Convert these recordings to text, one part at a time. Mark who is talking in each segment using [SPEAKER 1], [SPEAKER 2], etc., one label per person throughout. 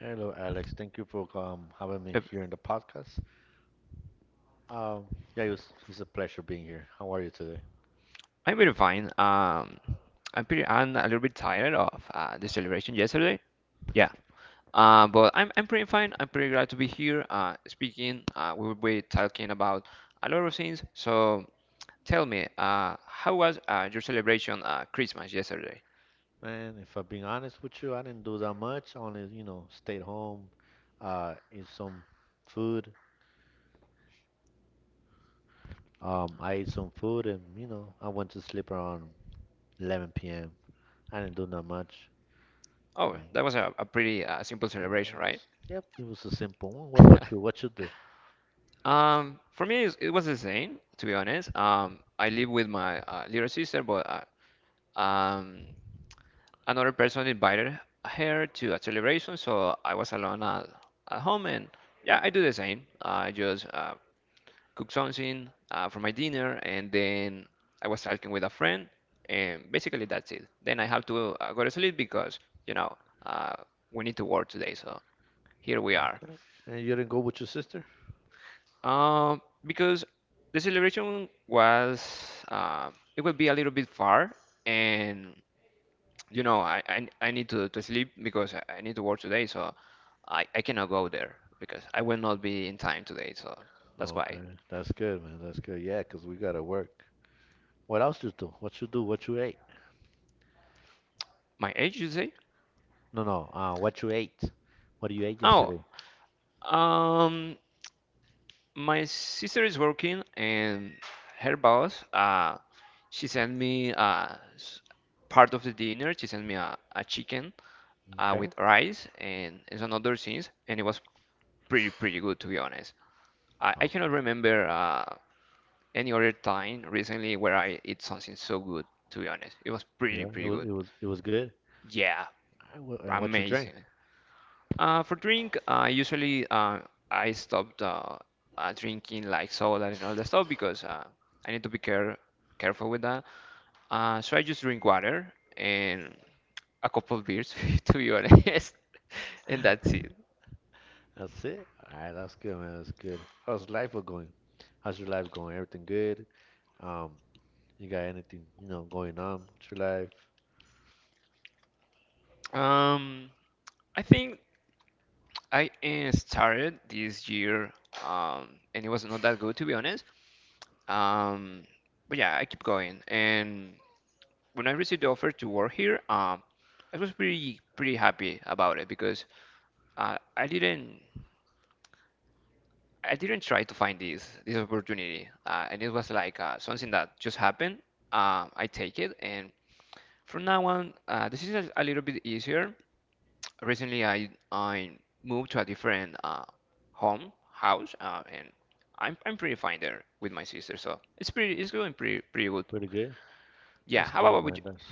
[SPEAKER 1] Hello, Alex. Thank you for having me here in the podcast. Um, yeah, it's a pleasure being here. How are you today? Man, if I'm being honest with you, I didn't do that much. Only, stayed home, ate some food. I ate some food and, I went to sleep around 11 p.m. I didn't do that much. You know. Yeah, yep, it was a simple one. What about you? What you do? Okay. And you didn't go with your sister? Okay, that's good, man. That's good. Yeah, 'cause we gotta work. What else you do? What you do? What you ate? No, no. What you ate? What you ate yesterday? Okay. Okay. Yeah, it was good. All right, and what you drank? That's it. All right, that's good, man. That's good. How's life going? How's your life going? Everything good? Um, you got anything, going on with your life? Pretty good. That's good, man. That's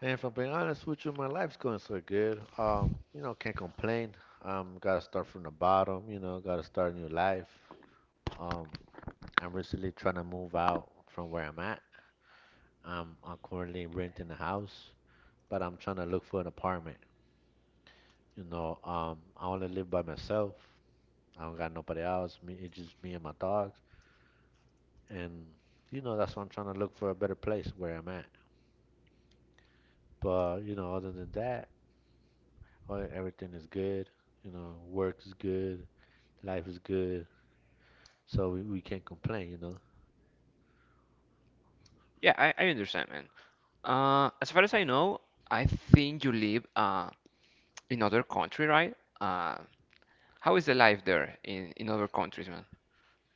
[SPEAKER 1] and if I'm being honest with you, my life's going so good. Can't complain. Gotta start from the bottom. Gotta start a new life. Um, I'm recently trying to move out from where I'm at. I'm currently renting a house, but I'm trying to look for an apartment. I only live by myself. I don't got nobody else. Me, it's just me and my dogs. And that's why I'm trying to look for a better place where I'm at. But other than that, everything is good. Work is good, life is good. So we can't complain.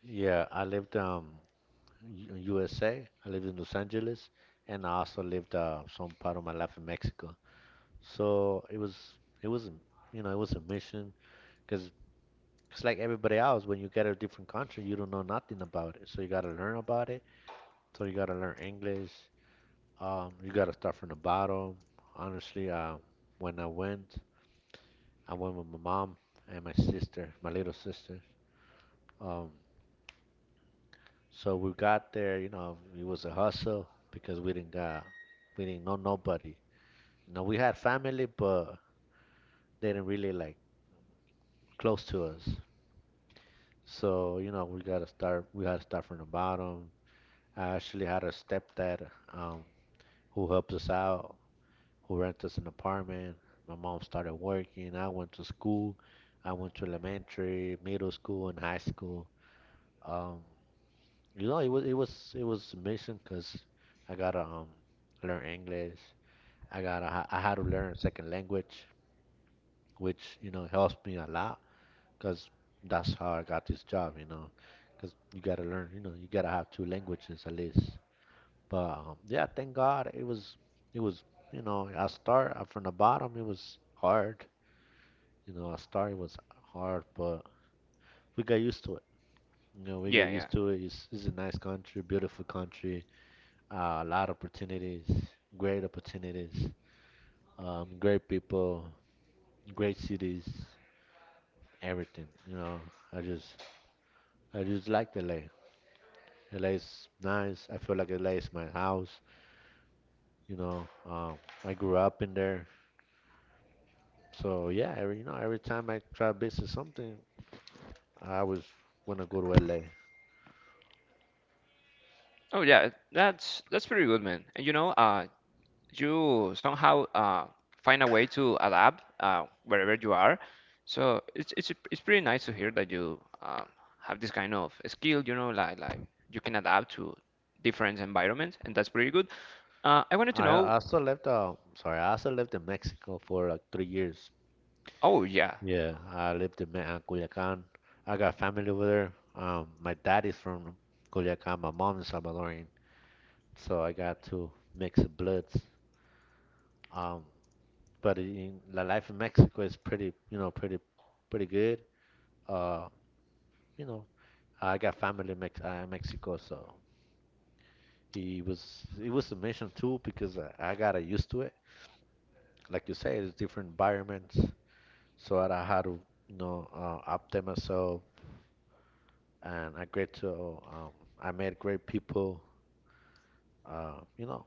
[SPEAKER 1] Yeah, I lived USA. I lived in Los Angeles, and I also lived some part of my life in Mexico. So it was a- it was a mission because it's like everybody else. When you get a different country, you don't know nothing about it, so you gotta learn about it. So you gotta learn English. You gotta start from the bottom. Honestly, when I went, I went with my mom and my sister, my little sister. Um, so we got there. It was a hustle because we didn't know nobody. We had family, but they didn't really like close to us. So, we gotta start. We had to start from the bottom. I actually had a stepdad um, who helped us out, who rented us an apartment. My mom started working. I went to school. I went to elementary, middle school, and high school. Um, it was a mission because I gotta learn English. I had to learn a second language, which helps me a lot because that's how I got this job, because you gotta learn, you gotta have two languages at least. But yeah, thank God it was, you know, I start from the bottom. It was hard, I start was hard, but we got used to it. We got used to it. It's a nice country, beautiful country, a lot of opportunities, great people, great cities, everything. I just, I just liked LA. LA is nice. I feel like LA is my house. You know, um, I grew up in there. So yeah, every time I try to visit something, I always wanna go to LA. I also lived in Mexico for like 3 years. Yeah, I lived in Culiacan. I got family over there. My dad is from Culiacan, my mom is Salvadorian, so I got to mix bloods. Um, the life in Mexico is pretty good. Uh, you know, I got family in Mexico, so it was a mission too because I got used to it. Like you say, it's different environments, so that I had to update myself, and um, I met great people, uh, you know,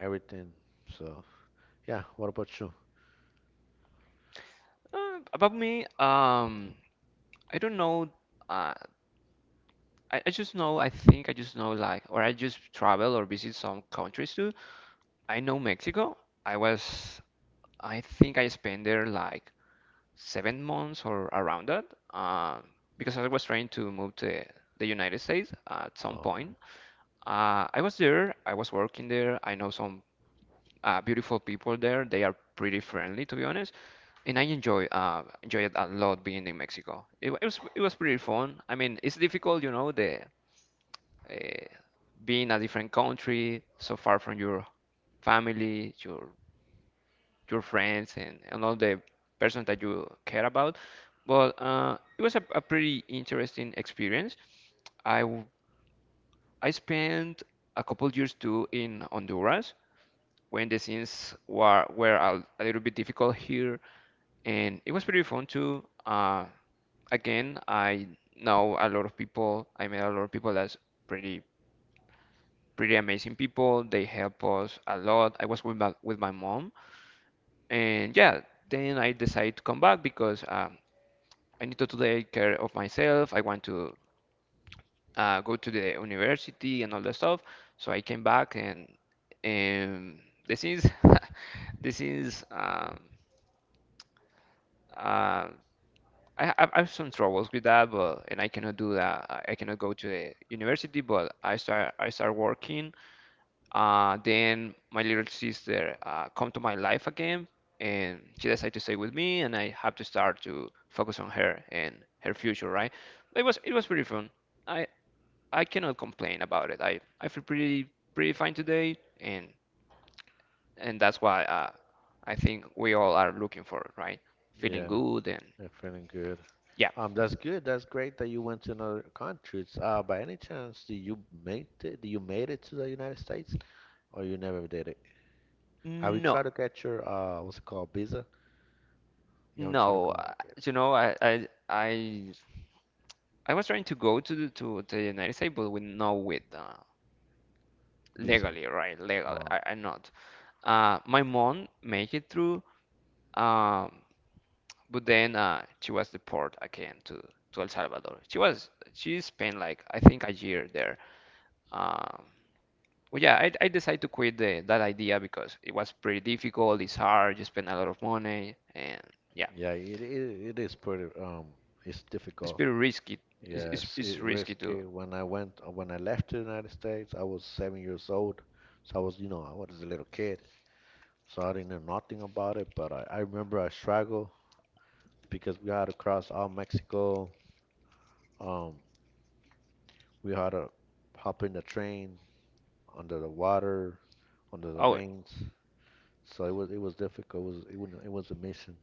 [SPEAKER 1] everything. So yeah, what about you? Okay, yeah, I'm feeling good. That's good. That's great that you went to another country. By any chance, did you make it? Did you made it to the United States? Or you never did it? Have you tried to get your what's it called? Visa? You haven't tried to go. Okay. Visa. Um yeah, it is pretty it's difficult. Yes, it risky. When I left the United States, I was 7 years old. So I was a little kid. So I didn't know nothing about it, but I remember I struggled because we had to cross all Mexico. Um we had to hop in the train under the water, under the rains. So it was difficult. It was a mission,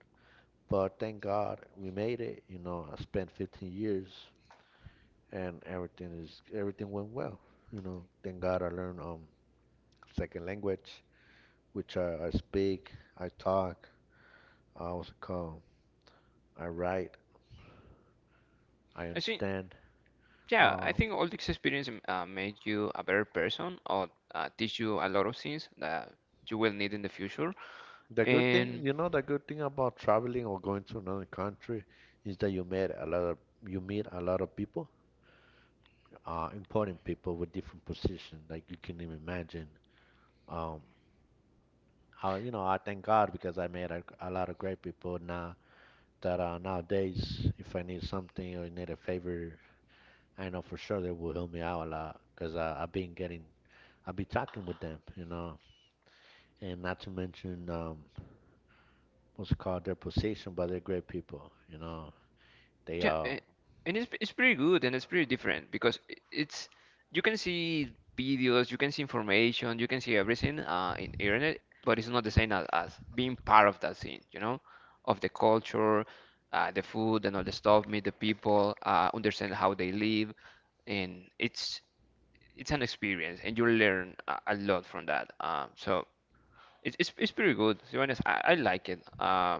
[SPEAKER 1] but thank God we made it. I spent 15 years and everything went well. Thank God I learned second language, which I speak, I talk, I also call, I write, I understand. Um, the good thing about traveling or going to another country is that you meet a lot of people, important people with different positions, like you can even imagine. Um, I thank God because I made a lot of great people nowadays, if I need something or need a favor, I know for sure they will help me out a lot because I've been talking with them, and not to mention what's it called their position, but they're great people. They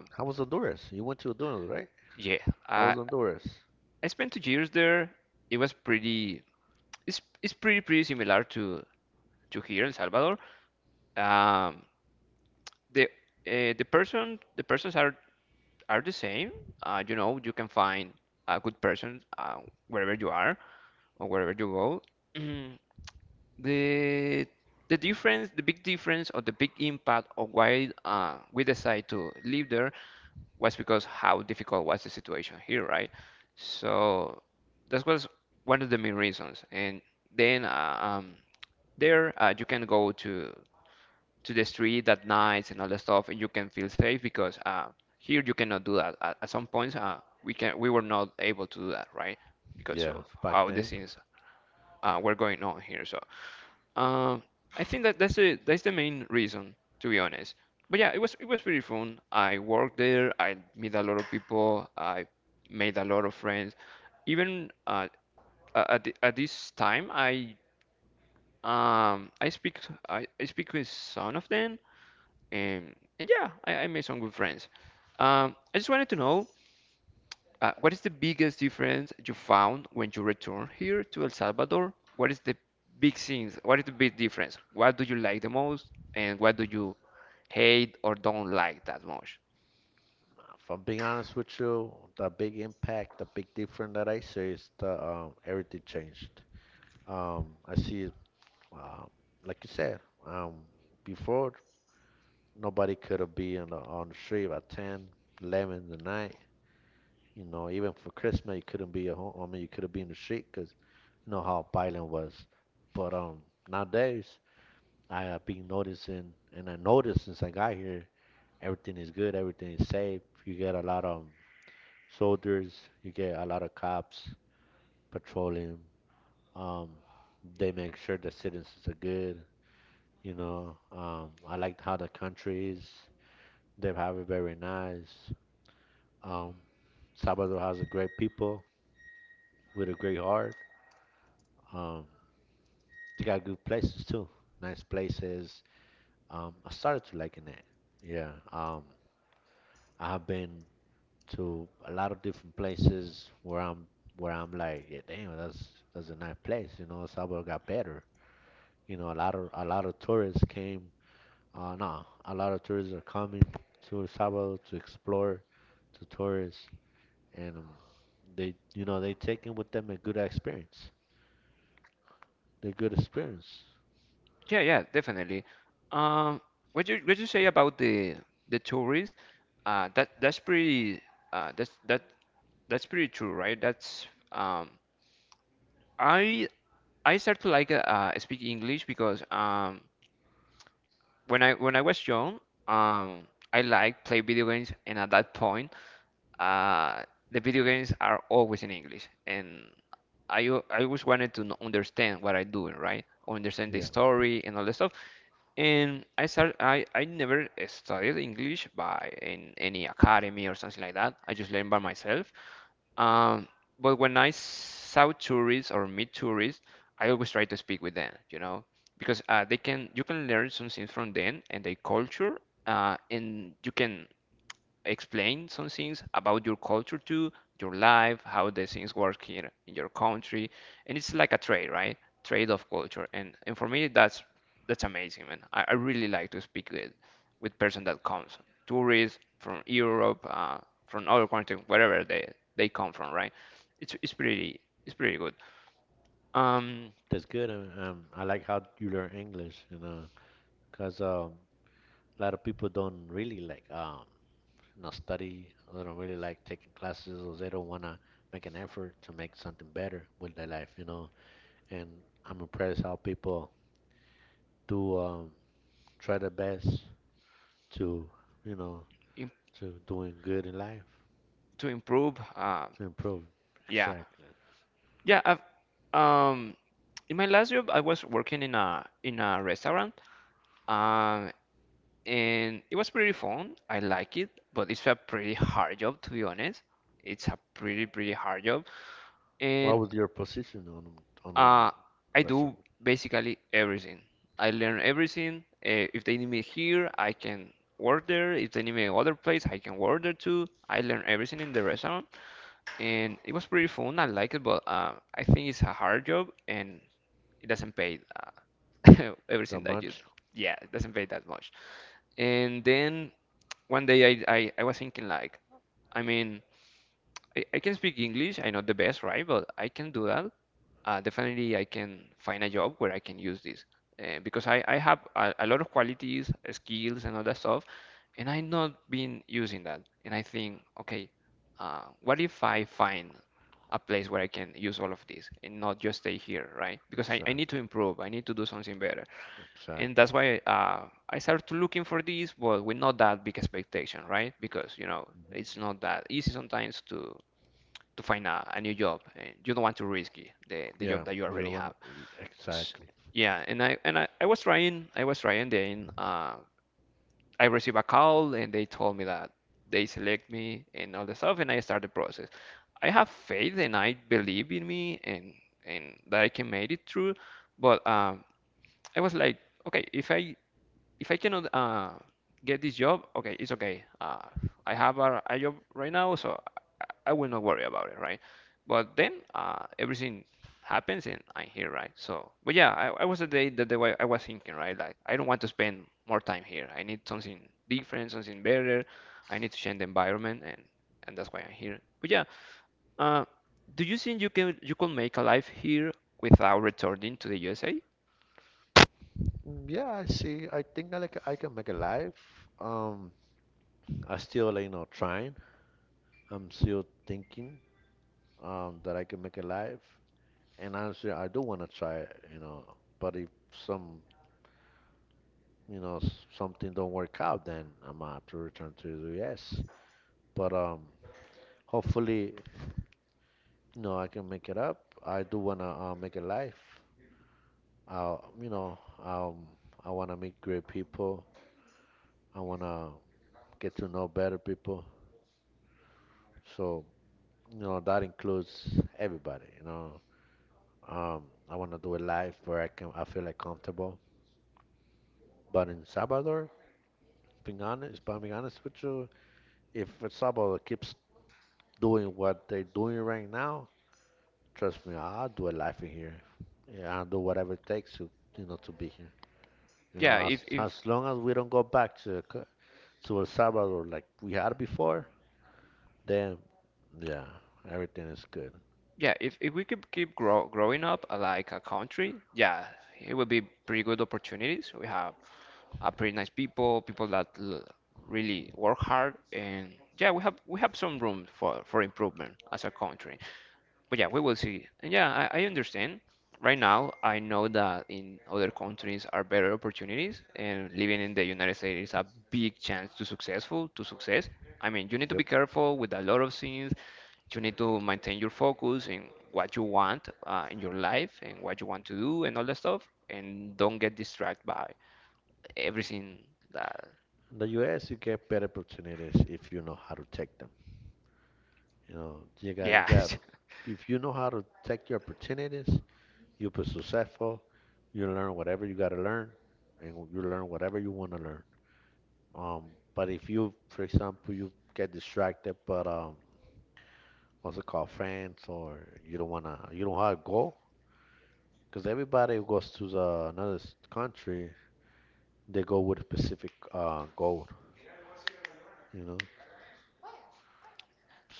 [SPEAKER 1] How was Honduras? You went to Honduras, right? How was Honduras? Yeah, back then. If I'm being honest with you, the big difference that I see is the everything changed. I see, um, like you said, um, before nobody could have be on the street by ten, eleven 11 at night. Even for Christmas, you couldn't be at home. I mean, you could have been in the street because you know how violent was. But nowadays, I have been noticing, and I noticed since I got here, everything is good, everything is safe. You get a lot of soldiers, you get a lot of cops patrolling. Um, they make sure the citizens are good. I liked how the country is. They have it very nice. Um, Salvador has a great people with a great heart. Um, they got good places too, nice places. I started to liking it. Yeah. I have been to a lot of different places where I'm like, yeah, damn, that's a nice place. Salvador got better. A lot of tourists came no, A lot of tourists are coming to El Salvador to explore, to tourists, and they taking with them a good experience. The good experience. Yeah, that's good. I like how you learn English, because a lot of people don't really like study. Or they don't really like taking classes, or they don't wanna make an effort to make something better with their life. And I'm impressed how people do try their best to you know to doing good in life to improve. Exactly. What was your position on wrestling the match? Exactly. Exactly. Mhm. Yeah, you're one, exactly. Mm, yeah, I see. I think I can make a life, I still like, trying. I'm still thinking that I can make a life, and honestly, I do want to try, you know but if something don't work out, then I'm gonna have to return to the US. But hopefully, I can make it up. I do wanna make a life. Uh, you know, um, I wanna meet great people. I wanna get to know better people. So, that includes everybody. I wanna do a life where I feel like comfortable. But in Salvador, if I'm being honest with you, if El Salvador keeps doing what they're doing right now, trust me, I'll do a life in here. Yeah, I'll do whatever it takes to be here. As long as we don't go back to the co- to El Salvador like we had before, then yeah, everything is good. Yep. In the U.S., you get better opportunities if you know how to take them. You know, you got if you know how to take your opportunities, you'll be successful. You learn whatever you got to learn, and you learn whatever you want to learn. Um, but if you, for example, you get distracted, but what's it called, friends, or you don't wanna, you don't have a goal, because everybody who goes to the country, they go with a specific goal, you know.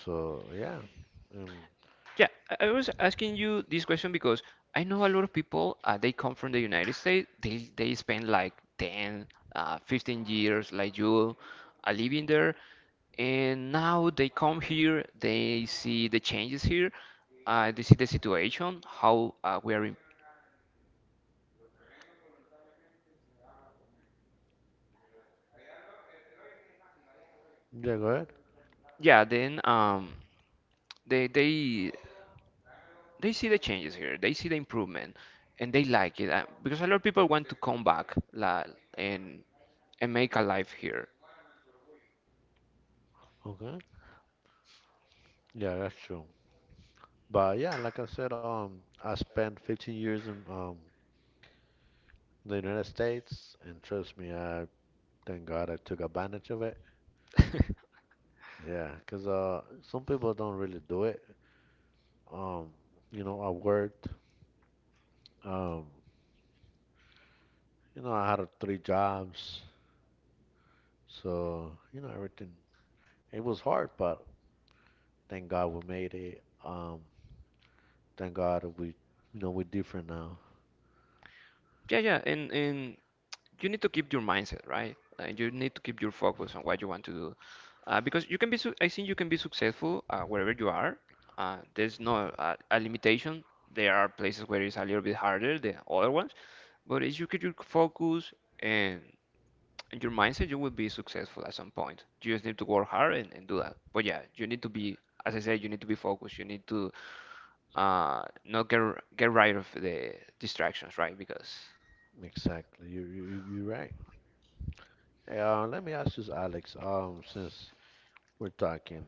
[SPEAKER 1] So yeah, um, yeah, go ahead. Okay, yeah, that's true. But yeah, like I said, I spent 15 years in the United States, and trust me, I thank God I took advantage of it. Yeah, 'cause some people don't really do it. Um, I worked. Um, I had three jobs, so you know everything. It was hard, but thank God we made it. Thank God we, we're different now. Exactly, you're right. Hey, let me ask you, Alex. Since we're talking,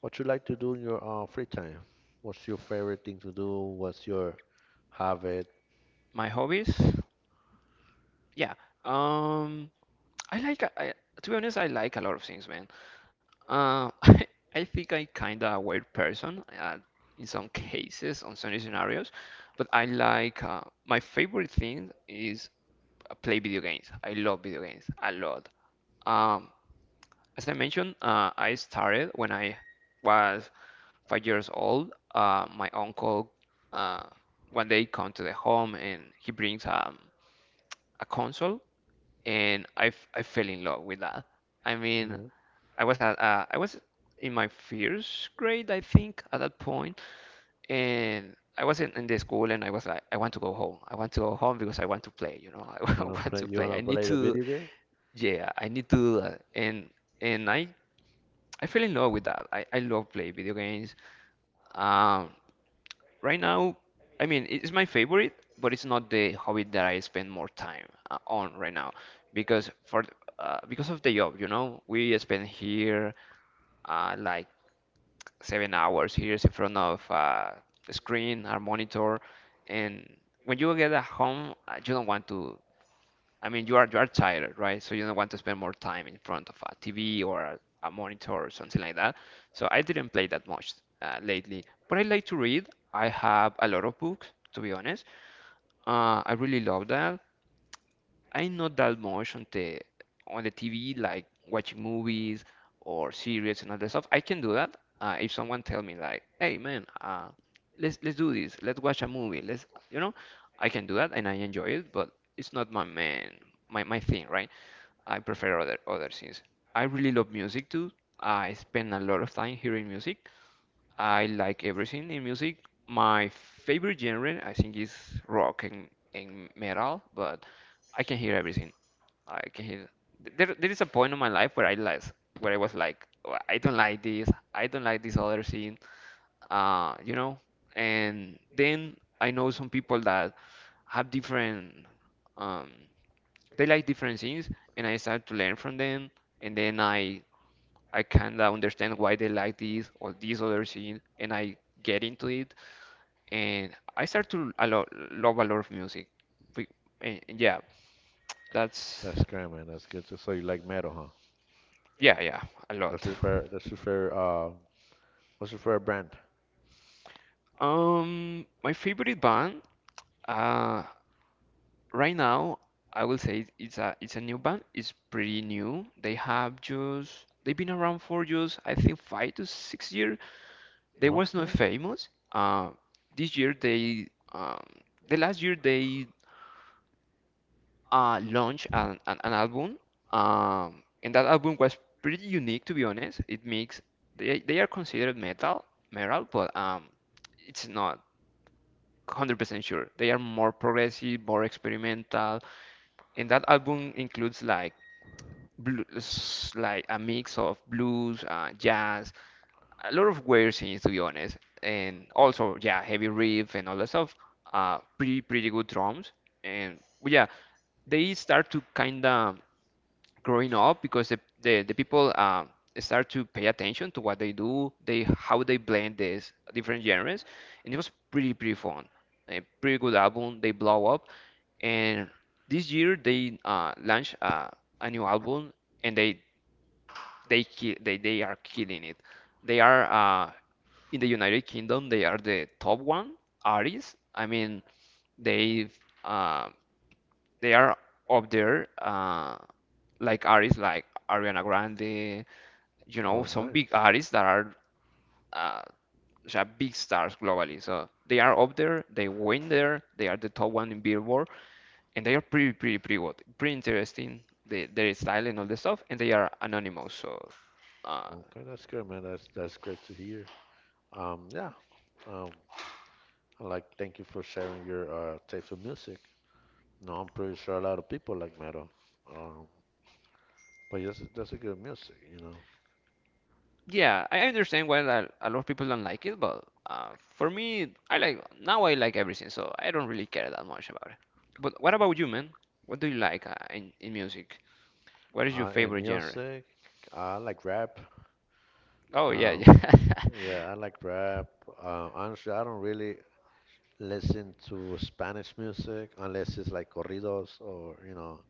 [SPEAKER 1] what you like to do in your free time? What's your favorite thing to do? What's your habit? You you wanna play? You wanna play the video game? That's great, man. That's good. So you like metal, huh? That's your fair. That's your fair. What's your favorite brand? Okay. Oh, nice. Okay, that's good, man. That's great to hear. Um, yeah. Um, I like thank you for sharing your taste of music. No, I'm pretty sure a lot of people like metal. Um, but yes, that's a good music, And music, I like rap. Um, yeah, I like rap. Honestly, I don't really listen to Spanish music unless it's like corridos or you know.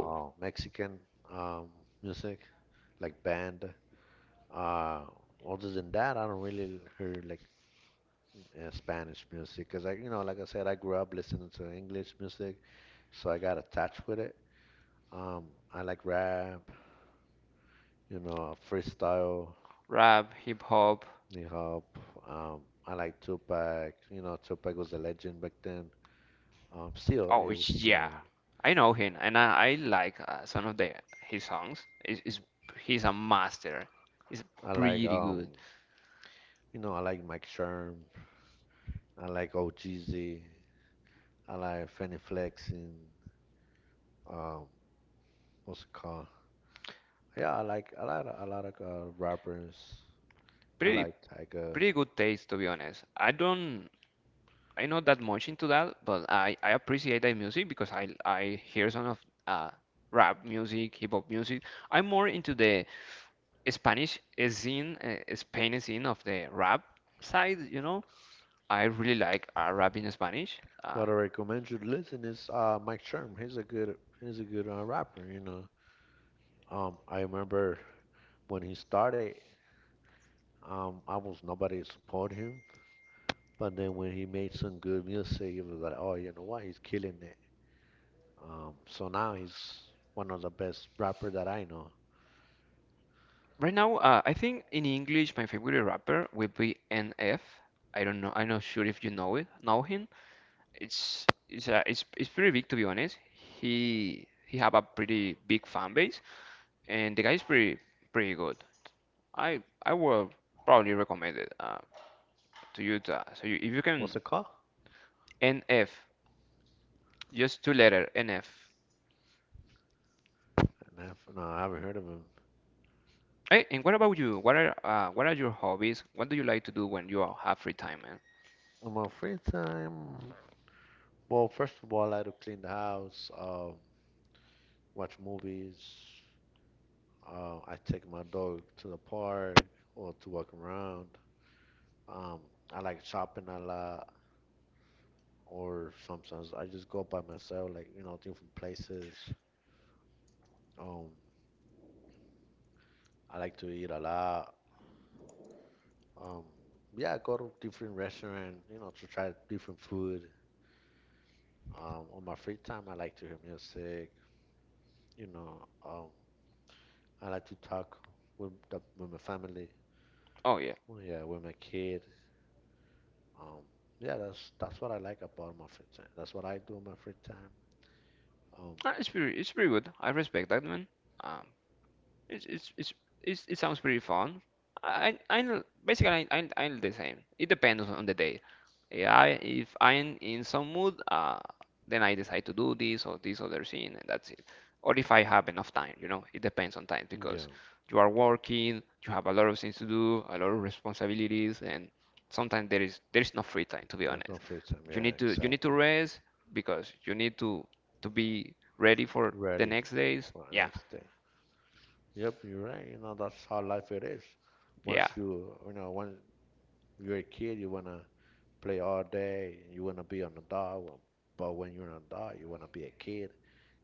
[SPEAKER 1] Oh, Mexican um, music, like band. Uh, Other than that, I don't really hear like Spanish music because I, like I said, I grew up listening to English music, so I got attached with it. Um, I like rap, freestyle, hip hop. Um, I like Tupac. You know, Tupac was a legend back then. Still is. I like um, I like Mike Sherm. I like OGZ. I like Fanny Flex and um, what's it called? Yeah, I like a lot of rappers. I like Tyga. What I recommend you to listen is Mike Sherm. He's a good rapper. I remember when he started, almost nobody support him, but then when he made some good music, it was like, oh, you know what? He's killing it. So now he's one of the best rapper that I know. What's it called? And I have, no, I haven't heard of him. In my free time, well, first of all, I do clean the house, watch movies. I take my dog to the park or to walk around. Um, I like shopping a lot, or sometimes I just go by myself, like different places. Um, I like to eat a lot. Um, yeah, I go to different restaurants, to try different food. On my free time, I like to hear music. You know, um, I like to talk with with my family. Well, yeah, with my kid. Um, yeah, that's what I like about my free time. That's what I do in my free time. Um, yeah, there's no free time. Yeah, exactly. Ready for the next day. Yep, you're right. You know, that's how life it is. Once you, when you're a kid, you wanna play all day. You wanna be an adult. But when you're an adult, you wanna be a kid,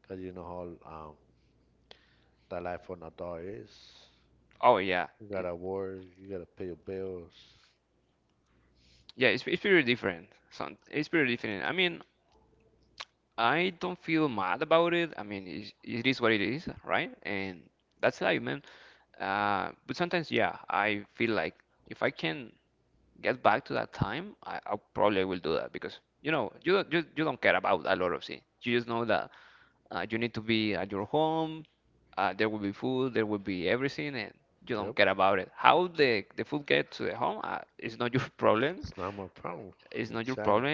[SPEAKER 1] 'cause you know how the life of an adult is. You gotta work. You gotta pay your bills. Yep, it's not my problem. Exactly.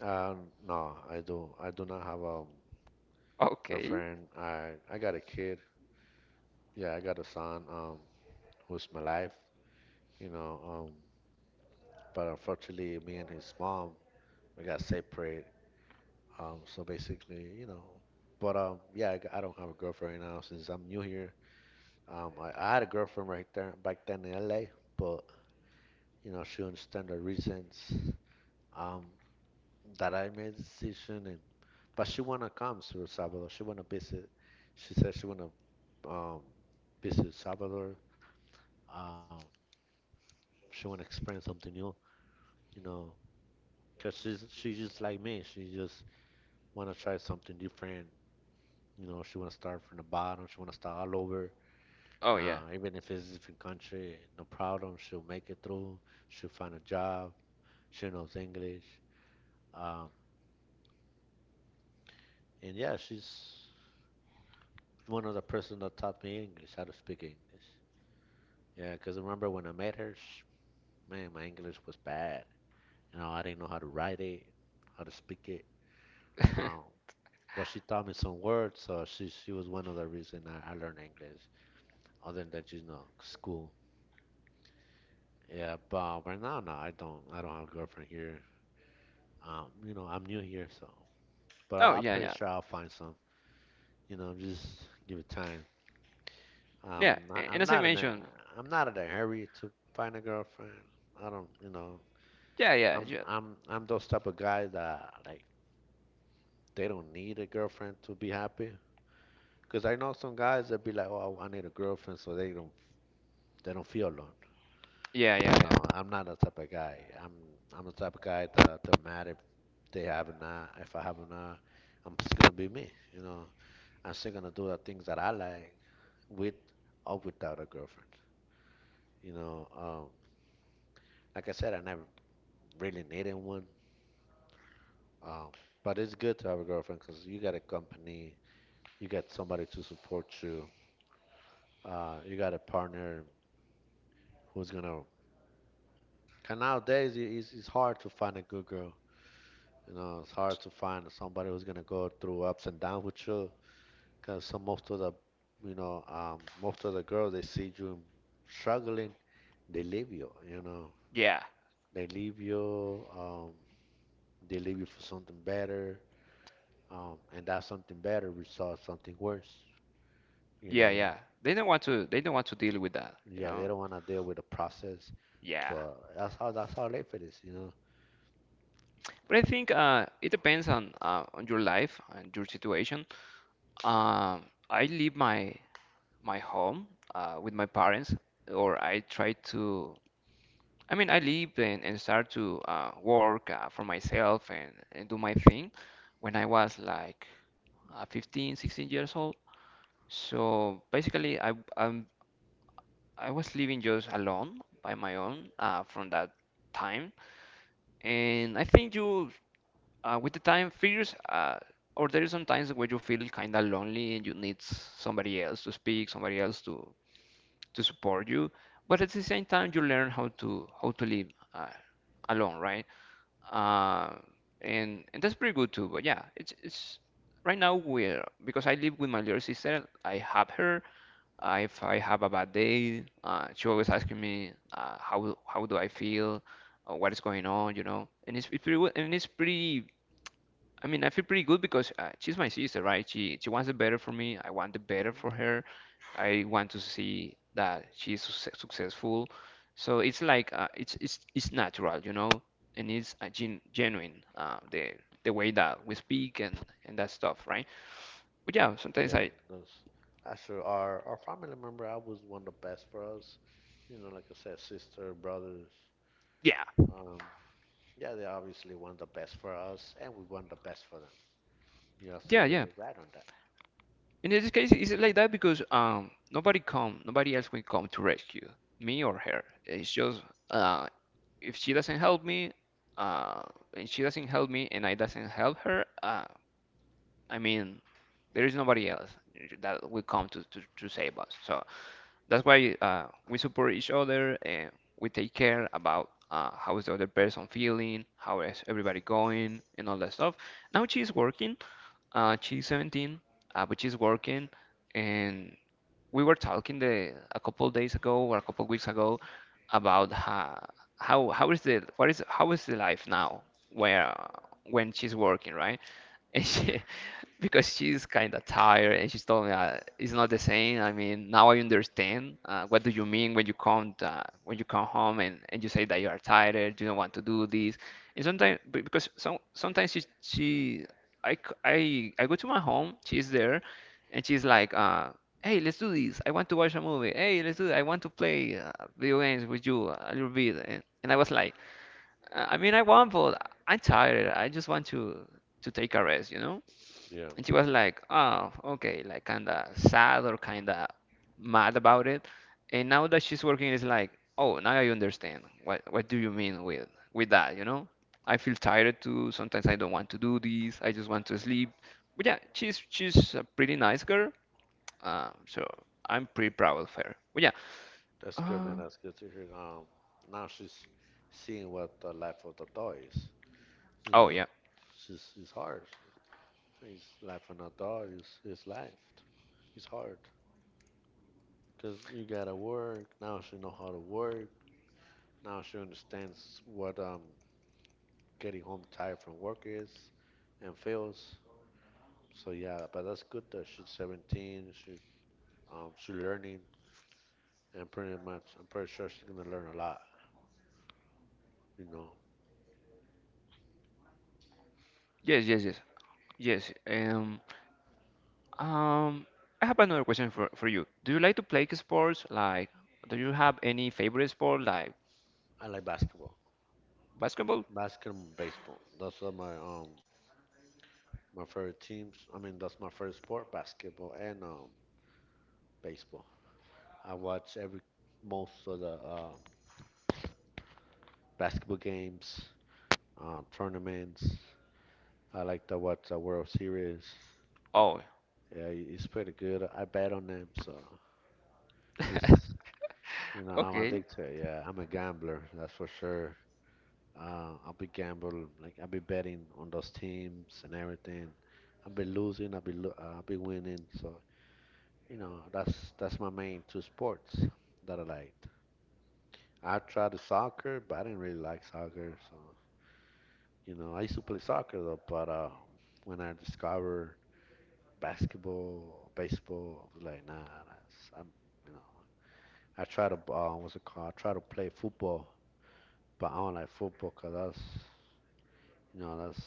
[SPEAKER 1] Uh, no, I do. I do not have a girlfriend. I got a kid. Yeah, I got a son. Who's my life. You know. But unfortunately, me and his mom, we got separated. So basically, you know. But yeah, I don't have a girlfriend right now since I'm new here. I had a girlfriend right there back then in LA, but you know she understand the reasons. Um, that I made the decision and but she wanna come to El Salvador. She wanna visit. She said she wanna um visit El Salvador. Um, she wanna experience something new, you know, 'cause she's just like me. She just wanna try something different. You know, she wanna start from the bottom. She wanna start all over. Even if it's a different country, no problem. She'll make it through. She'll find a job. She knows English. Um, and yeah, she's one of the person that taught me English, how to speak English. Yeah, because remember when I met her, sh man, my English was bad. You know, I didn't know how to write it, how to speak it. Um, but she taught me some words, so she was one of the reason I learned English, other than that, you know school. Yeah, but right now, no, I don't have a girlfriend here. You know, I'm new here, so but I'm pretty sure I'll find some. You know, just give it time. I'm not in a hurry to find a girlfriend. I don't, you know, I'm those type of guy that like they don't need a girlfriend to be happy. Because I know some guys that be like, "Oh, I need a girlfriend," so they don't feel alone. No, I'm not that type of guy. I'm the type of guy that don't matter if they have or not. If I have or not, I'm still gonna be me. You know, I'm still gonna do the things that I like with or without a girlfriend. You know, like I said, I never really needed one. Um, but it's good to have a girlfriend because you got a company, you got somebody to support you, you got a partner who's gonna. Cause nowadays it's hard to find a good girl. You know, it's hard to find somebody who's gonna go through ups and downs with you. Cause some most of the, most of the girls they see you struggling, they leave you. They leave you. Um, they leave you for something better. And that something better results something worse. You know, yeah, they don't wanna deal with the process, but that's how life it is. You know. Mhm. Yeah, that's actually our family member. I was one of the best for us. You know, like I said, sister, brothers. Um, yeah, they obviously want the best for us, and we want the best for them. You're absolutely right on that. Yeah, that's good, man. That's good to hear. Now she's seeing what the life of the dog is. You know, she's it's hard. It's life on a dog is life. It's hard because you gotta work. Now she know how to work. Now she understands what getting home tired from work is and feels. So yeah, but that's good that she's 17. She she's learning, and pretty much I'm pretty sure she's gonna learn a lot. You know, I like basketball, and baseball. Those are my my favorite teams. I mean, that's my favorite sport, basketball and baseball. I watch every most of the basketball games, tournaments. I like to watch the World Series. Yeah, he's pretty good. I bet on him, so he's, you know, I'm addicted. Yeah, I'm a gambler, that's for sure. I'll be gambling, like I'll be betting on those teams and everything. I'll be losing, I'll be winning. So, you know, that's my main two sports that I like. I tried the soccer, but I didn't really like soccer. So, you know, I used to play soccer though, but when I discovered basketball, baseball, I was like, nah, that's, I'm, you know. I try to what's it called? I try to play football, but I don't like football 'cause that's you know that's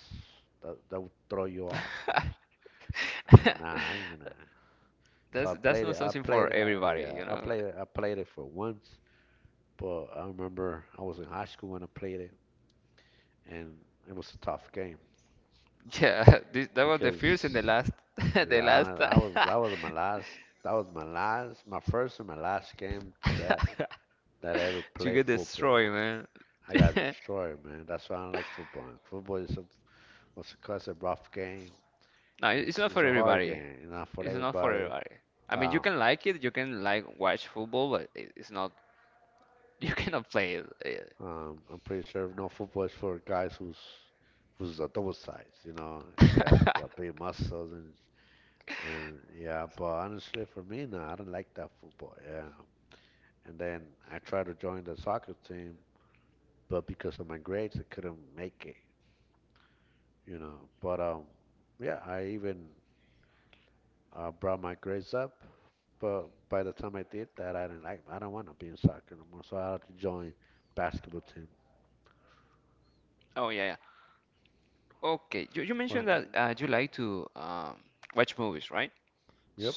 [SPEAKER 1] that that would throw you off. I'm like nah, I ain't gonna. So I played it. I played. Yeah, I played. I played it for once, but I remember I was in high school when I played it, and it was a tough game because yeah, I was that was my last. That was my last, my first and my last game that I ever played football. I got destroyed, man. That's why I don't like football. Football is a was because a rough game. It's a hard game, not for everybody. Um, I'm pretty sure no football is for guys who's a double size, you know. Yeah, got big muscles and yeah. But honestly, for me now, I don't like that football. Yeah, and then I tried to join the soccer team, but because of my grades, I couldn't make it, you know. But yeah, I even brought my grades up. But by the time I did that, I didn't like. I don't want to be in soccer no more. So I had to join basketball team. Was- yep.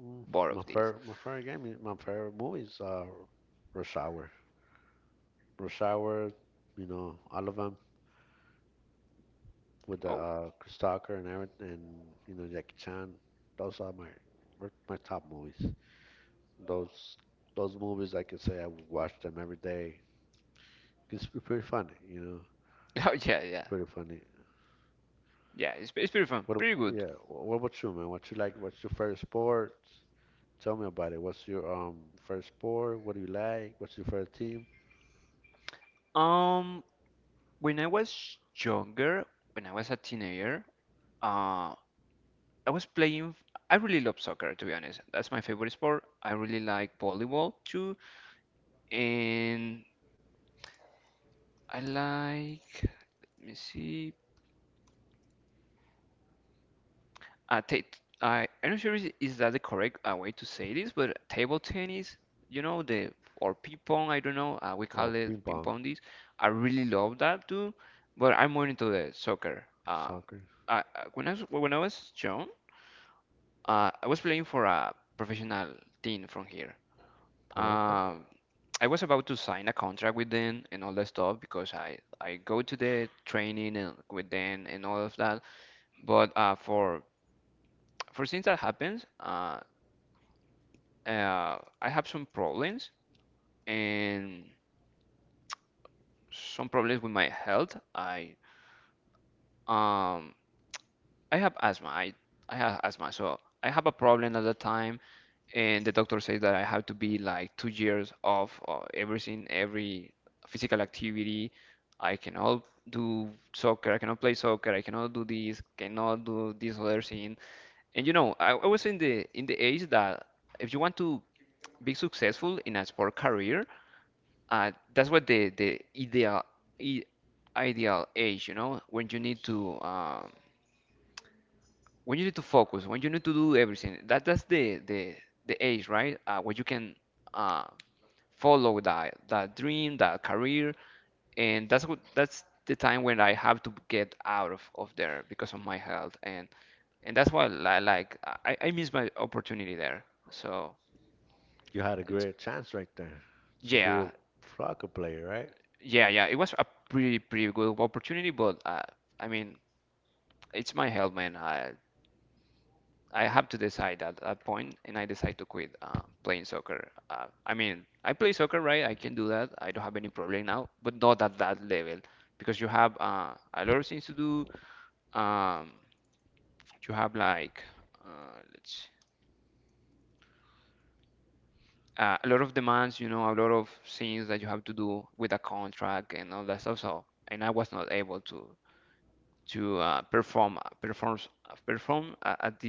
[SPEAKER 1] My favorite game, my favorite movies are Rush Hour. Rush Hour, you know, all of them with the Chris Tucker and everything, and you know Jackie Chan. Those are my were my top movies. Those those movies, I could say I would watch them every day. It's pretty funny, you know. It's pretty funny. What, ab- yeah, wh- what about you, man? What you like? What's your favorite sport? Tell me about it. What's your favorite sport? What do you like? What's your favorite team? Oh, ping pong, soccer. Oh, okay. You had a great chance right there to be a soccer player, right?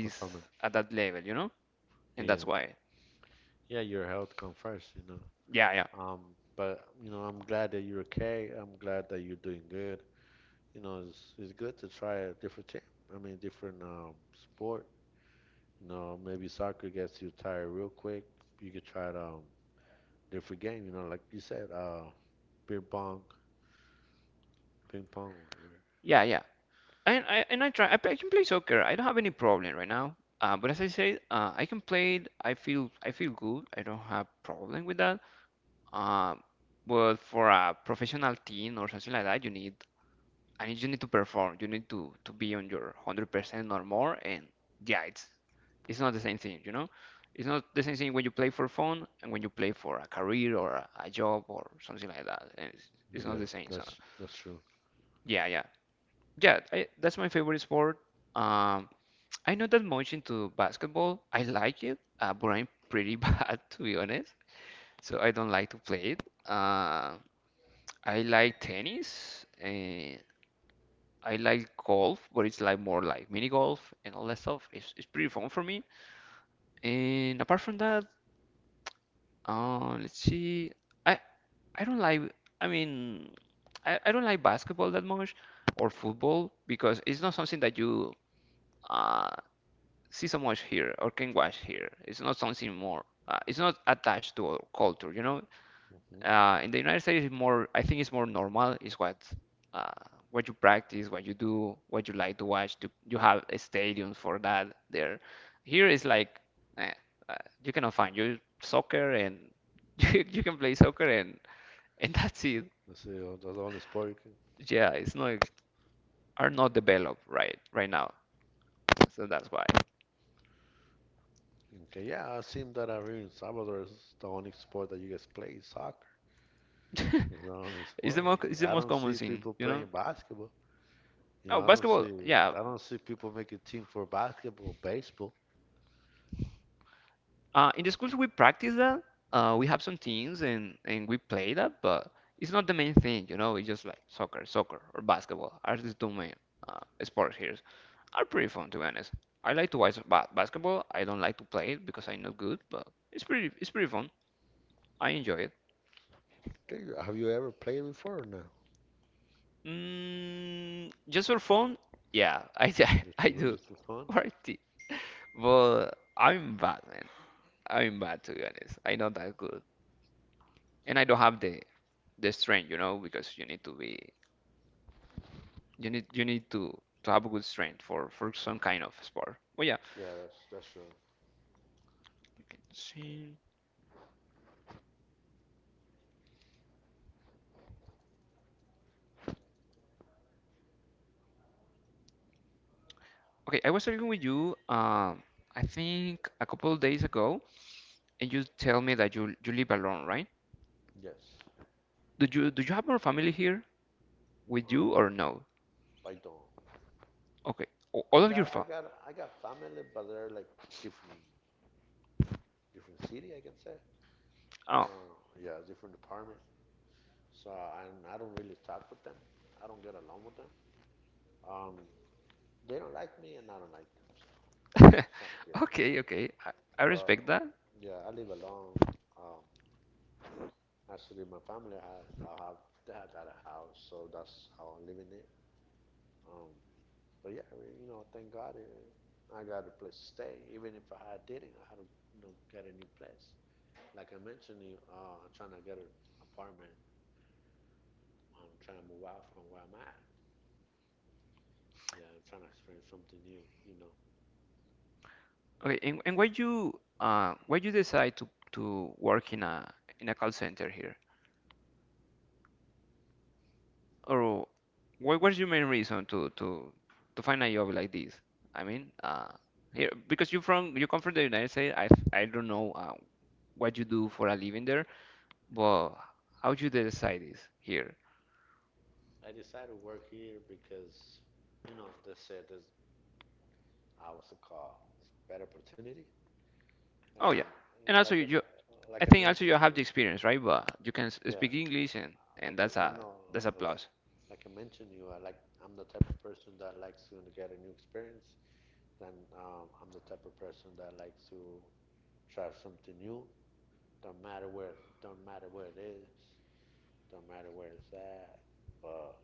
[SPEAKER 1] Performer. Yeah. Yeah, your health come first, you know. Um, but you know, I'm glad that you're okay. I'm glad that you're doing good. You know, it's good to try a different team. I mean, different sport. No, maybe soccer gets you tired real quick. You could try it, different game, you know, like you said, ping pong, ping pong. Yeah, that's true. hmm that's the only sport you can. Okay, yeah, it seems that out here in Salvador is the only sport that you guys play is soccer. It's the only sport. I don't see people playing basketball. You know, I don't see people making team for basketball, baseball. Have you ever played before or no? Just for fun? Yeah, that's true. Yes. Um, Python. I got family, but they're like different, different city, I can say. Uh, yeah, different department. So I don't really talk with them. I don't get along with them. Um, they don't like me, and I don't like them. So it's not you know. But yeah, I live alone. Um, actually, my family have, I have, they have got a house, so that's how I'm living it. Um, But yeah, you know, thank God I got a place to stay. Even if I didn't, I had to, you know, get a new place. Like I mentioned, you I'm trying to get an apartment. I'm trying to move out from where I'm at. Yeah, I'm trying to experience something new. You know, I decided to work here because, you know, they said there's hours to call, it's a better opportunity, and you know, like I mentioned you, yeah, like I, you know, like like I mentioned you, I like I'm the type of person that likes to get a new experience. Then I'm the type of person that likes to try something new. Don't matter where it is, don't matter where it's at, but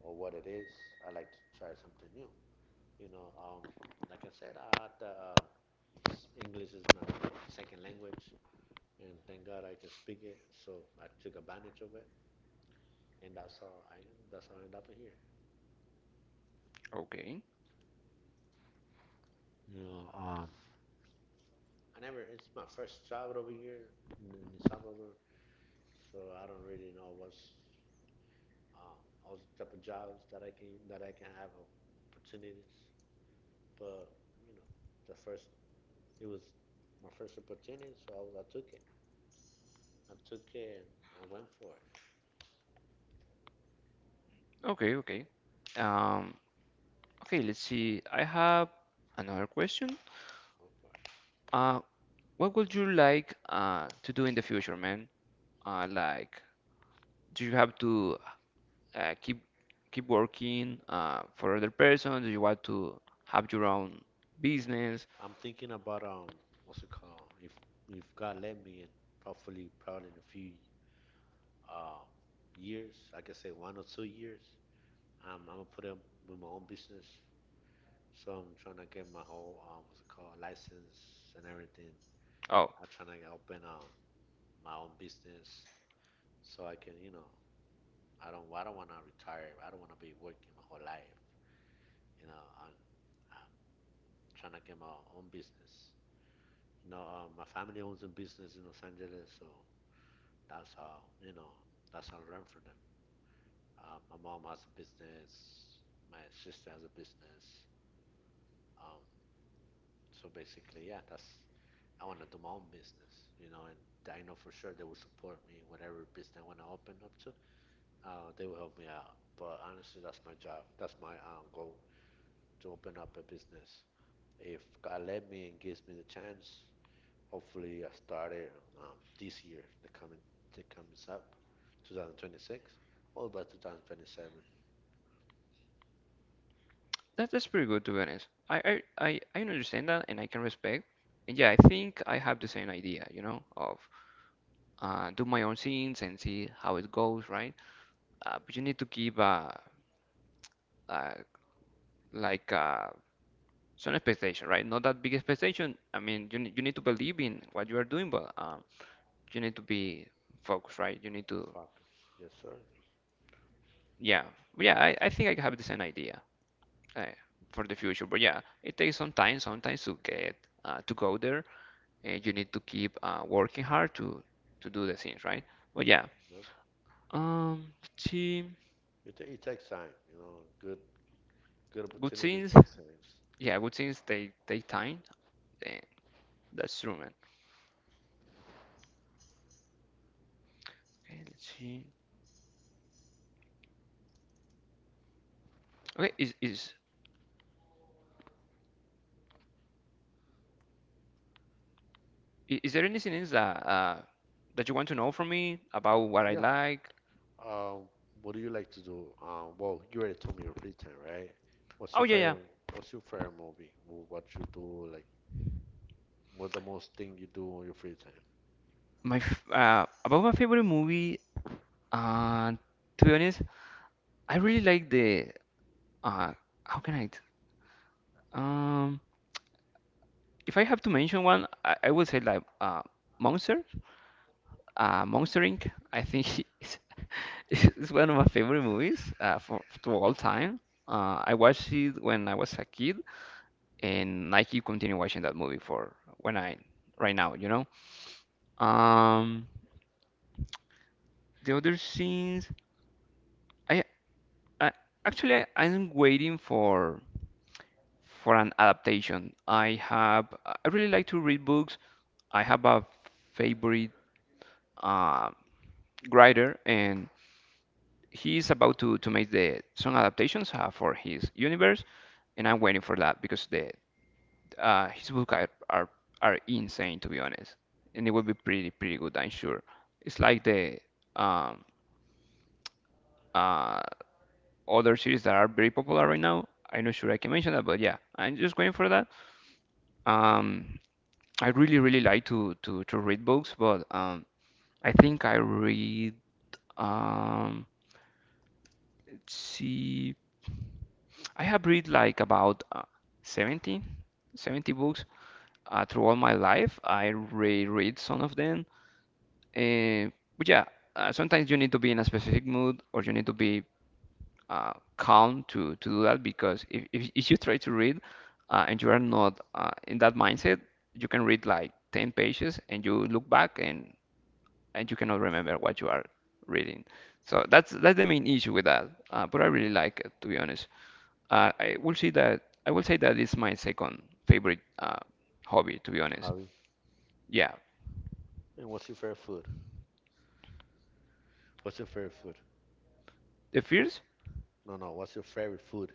[SPEAKER 1] or what it is. I like to try something new. You know, like I said, I had the English is my second language, and thank God I can speak it. So I took advantage of it, and that's how I ended up in here. You know, I never. It's my first travel over here in El Salvador, so I don't really know what's Um, I was accepting jobs that I can have opportunities, but you know, the first it was my first opportunity, so I took it. I took it and I went for it. Went for it. I'm thinking about what's it called? If God let me and hopefully probably in a few um years, I can say 1 or 2 years, I'm gonna put up with my own business. So I'm trying to get my whole what's it called license and everything. I'm trying to open my own business so I can, you know, I don't want to retire. I don't want to be working my whole life. You know, I'm trying to get my own business. You know, my family owns a business in Los Angeles, so that's how I learn from them. My mom has a business. My sister has a business. Um, so basically, yeah, that's I want to do my own business. You know, and I know for sure they will support me in whatever business I want to open up to. They will help me out. But honestly, that's my job. That's my goal to open up a business. If God let me and gives me the chance, hopefully I start it this year, the coming that comes up, 2026, or by 2027. Fuck, yes sir. Yep. It takes time, you know. Good opportunities takes time. Yeah. Um, what do you like to do? Well, you already told me your free time, right? What's your favorite What's your favorite movie? What you do like what the most thing you do on your free time? Hobby. And what's your favorite food? What's your favorite food? No, no. What's your favorite food?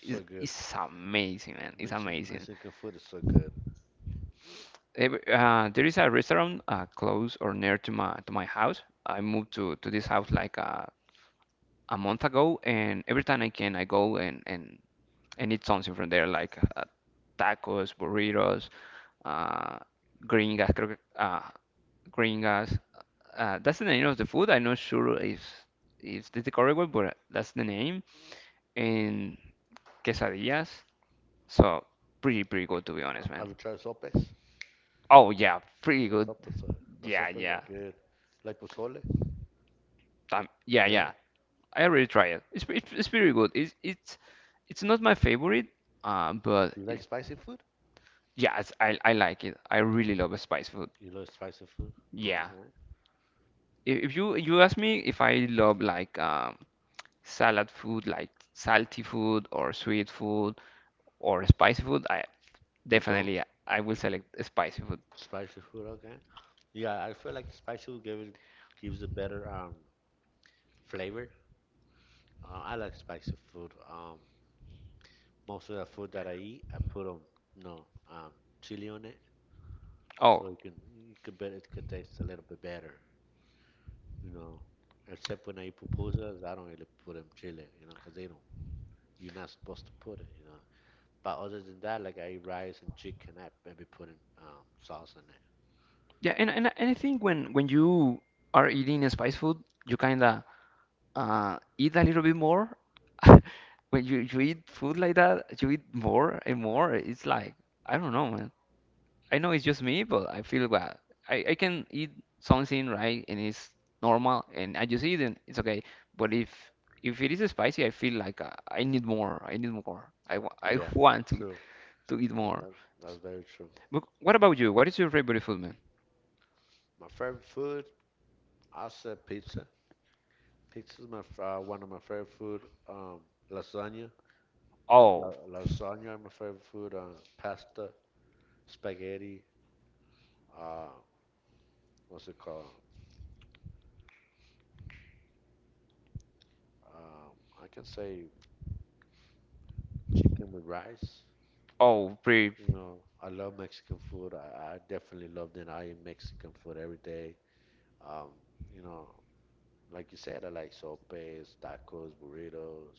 [SPEAKER 1] So good. Mexican food is so good. Have you tried sopes? Sopes are the sopes are good. Like pozole? Yeah. Do you like spicy food? You love spicy food? Okay. You don't? Spicy food, okay. Yeah, I feel like spicy food gives a better flavor. I like spicy food. Most of the food that I eat, I put no chili on it, so it can you could bet it could taste a little bit better, you know. Except when I eat pupusas, I don't really put them chili, you know, 'cause they don't. You're not supposed to put it, you know. But other than that, like I eat rice and chicken, I maybe put in sauce on it. Yeah, true. That's very true. My favorite food, I said pizza. Pizza is my one of my favorite food. Um, lasagna. Lasagna, is my favorite food. Pasta. Spaghetti, uh, what's it called? Um, I can say chicken with rice. You know, I love Mexican food. I definitely love it. I eat Mexican food every day. Um, you know, like you said, I like sopes, tacos, burritos,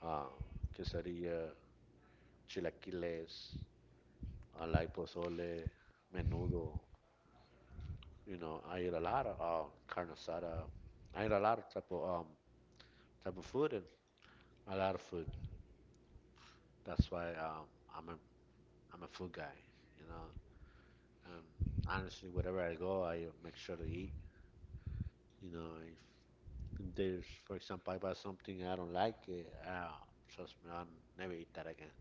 [SPEAKER 1] um, quesadilla, chilaquiles. I like pozole, menudo. You know, I eat a lot of carne asada. I eat a lot of type of type of food and a lot of food. That's why I'm a food guy, you know. Um, honestly, wherever I go, I make sure to eat. You know, if there's, for example, I buy something I don't like, uh, trust me, I'll never eat that again.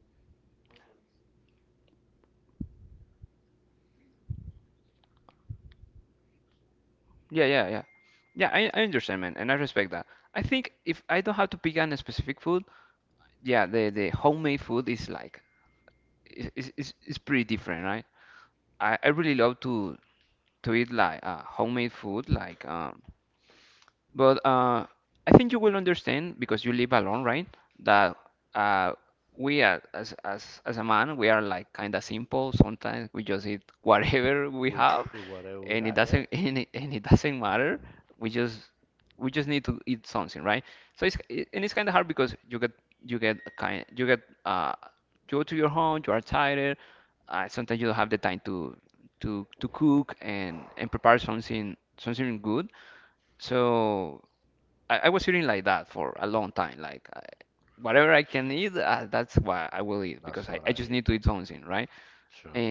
[SPEAKER 1] We will do whatever we have, yeah. That's what I eat. Sure.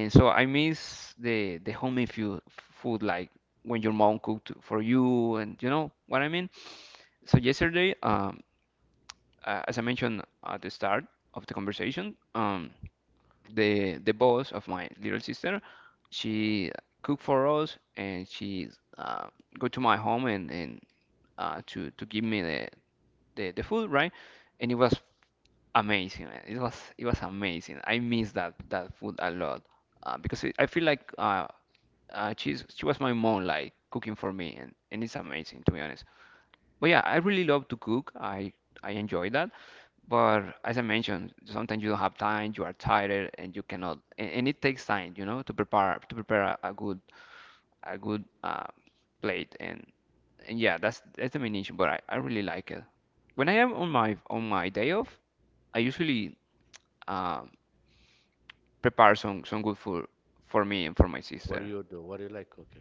[SPEAKER 1] what do you do? What do you like cooking?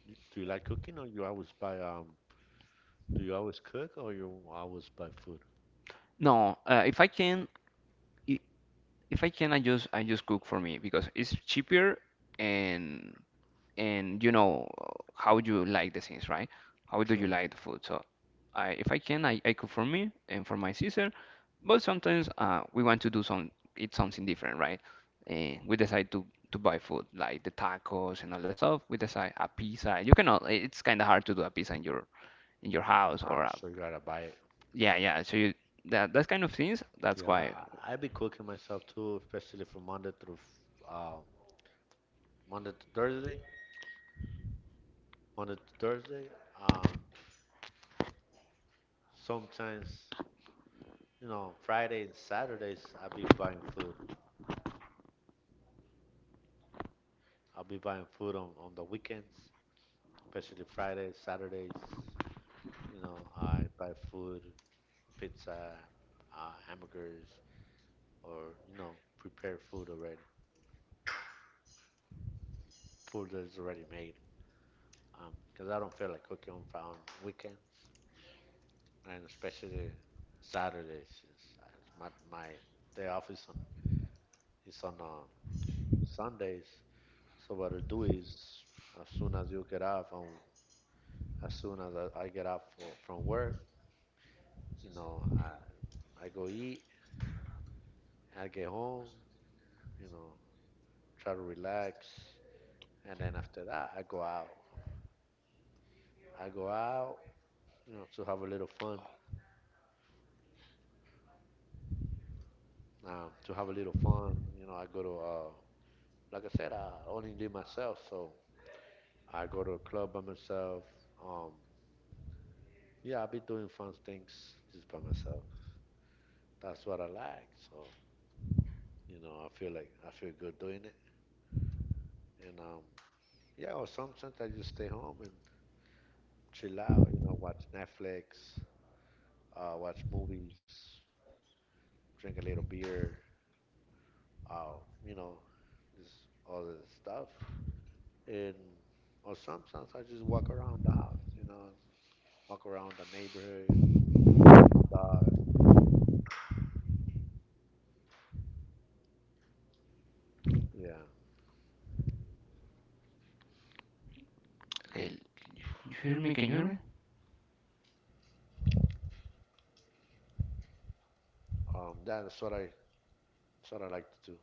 [SPEAKER 1] Do you like cooking, or you always buy Do you always cook, or you always buy food? True. No, I was sure you gotta buy it. Yeah, I be cooking myself too, especially from Monday through uh, Monday to Thursday. On a Thursday. Um, sometimes, you know, Friday and Saturdays, I'll be buying food. I'll be buying food on the weekends, especially Fridays, Saturdays. You know, I buy food, pizza, hamburgers, or, you know, prepare food already. Food that is already made. 'Cause I don't feel like cooking on, on weekends, and especially Saturdays. It's, my day off is on Sundays. So what I do is, as soon as you get off, and as soon as I get off for, from work, you know, I go eat, I get home, you know, try to relax, and then after that, I go out. I go out, you know, to have a little fun. To have a little fun, you know, I go to, like I said, I only live myself, so I go to a club by myself. Um, yeah, I be doing fun things just by myself. That's what I like. So You know, I feel like I feel good doing it. And yeah, or sometimes I just stay home and chill out. Watch Netflix, watch movies, drink a little beer. Uh, you know, just all the stuff. And or sometimes I just walk around the house. You know, walk around the neighborhood with my dog. Yeah,
[SPEAKER 2] Okay, can you hear me? Can you hear me?
[SPEAKER 1] that's what I like to do.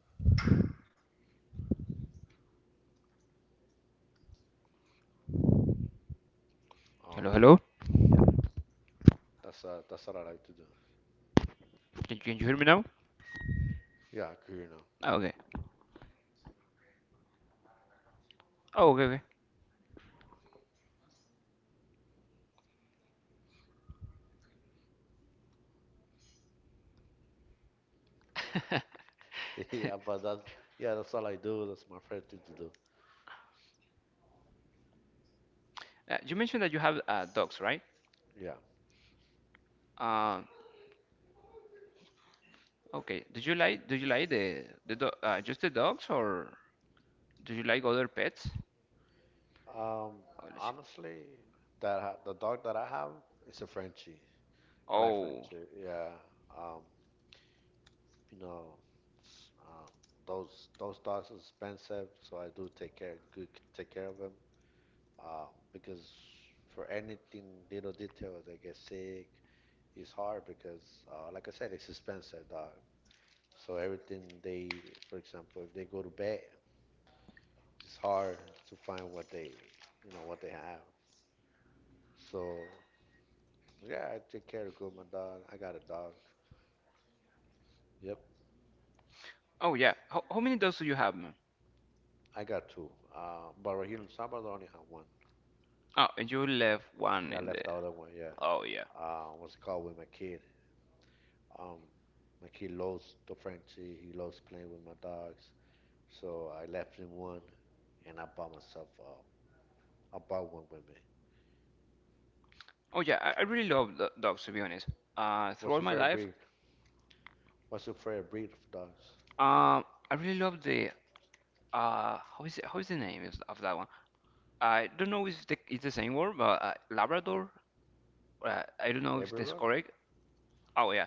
[SPEAKER 1] Um,
[SPEAKER 2] Hello, hello?
[SPEAKER 1] yeah, that's what I like to do.
[SPEAKER 2] Can you hear me now?
[SPEAKER 1] Yeah, 'cause, you know,
[SPEAKER 2] Ah, okay. Oh, okay.
[SPEAKER 1] yeah, but that's yeah, that's all I do. That's my favorite thing to do.
[SPEAKER 2] You mentioned that you have dogs, right?
[SPEAKER 1] Yeah.
[SPEAKER 2] Um, okay. Do you like the do just the dogs, or do you like other pets?
[SPEAKER 1] Um,
[SPEAKER 2] Oh, let's see.
[SPEAKER 1] Honestly, the dog that I have is a Frenchie. I like
[SPEAKER 2] Oh,
[SPEAKER 1] Frenchie. Yeah. Um, you know, s- um, those dogs are expensive, so I do take care good take care of them. Because for anything little detail, they get sick. It's hard because, like I said, it's expensive dog. So everything they, for example, if they go to bed, it's hard to find what they, you know, what they have. So yeah, I take care of good my dog. I got a dog. Yep,
[SPEAKER 2] oh yeah. How many dogs do you have, man?
[SPEAKER 1] I got two. But right here in Salvador, I only have one.
[SPEAKER 2] Oh, and you left one
[SPEAKER 1] I
[SPEAKER 2] in the.
[SPEAKER 1] left the other one. Yeah.
[SPEAKER 2] Oh yeah.
[SPEAKER 1] What's it called with my kid? Um, my kid loves the Frenchie. He loves playing with my dogs. So I left him one, and I bought myself. I bought one with me.
[SPEAKER 2] Oh yeah. I really love do dogs, to be honest.
[SPEAKER 1] What's
[SPEAKER 2] Throughout
[SPEAKER 1] your
[SPEAKER 2] my
[SPEAKER 1] favorite
[SPEAKER 2] life,
[SPEAKER 1] breed? What's your favorite breed of dogs?
[SPEAKER 2] I really love the how is the name of that one? I don't know if it's the same word, but Labrador. I don't know if that's
[SPEAKER 1] Labrador.
[SPEAKER 2] correct. Oh yeah.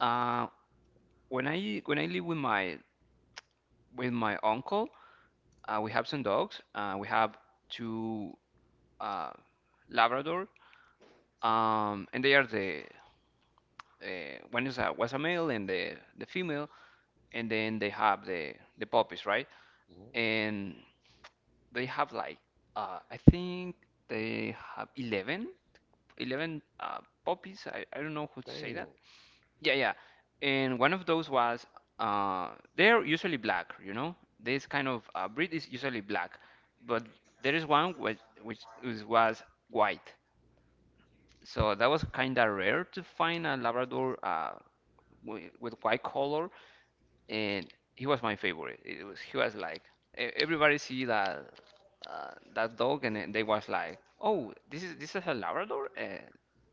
[SPEAKER 2] Uh, when I live with my uncle, we have some dogs. We have two uh, Labrador, and they are the one is a was a male and the female, and then they have the puppies, right?
[SPEAKER 1] mm
[SPEAKER 2] And they have like I think they have eleven puppies. I don't know how to say that.
[SPEAKER 1] Damn,
[SPEAKER 2] Yeah, yeah. And one of those was uh, they're usually black, you know. This kind of breed is usually black, but there is one which was white. So that was kind of rare to find a Labrador with white color, and he was my favorite. It was he was like everybody see that that dog, and then they was like, oh, this is a Labrador,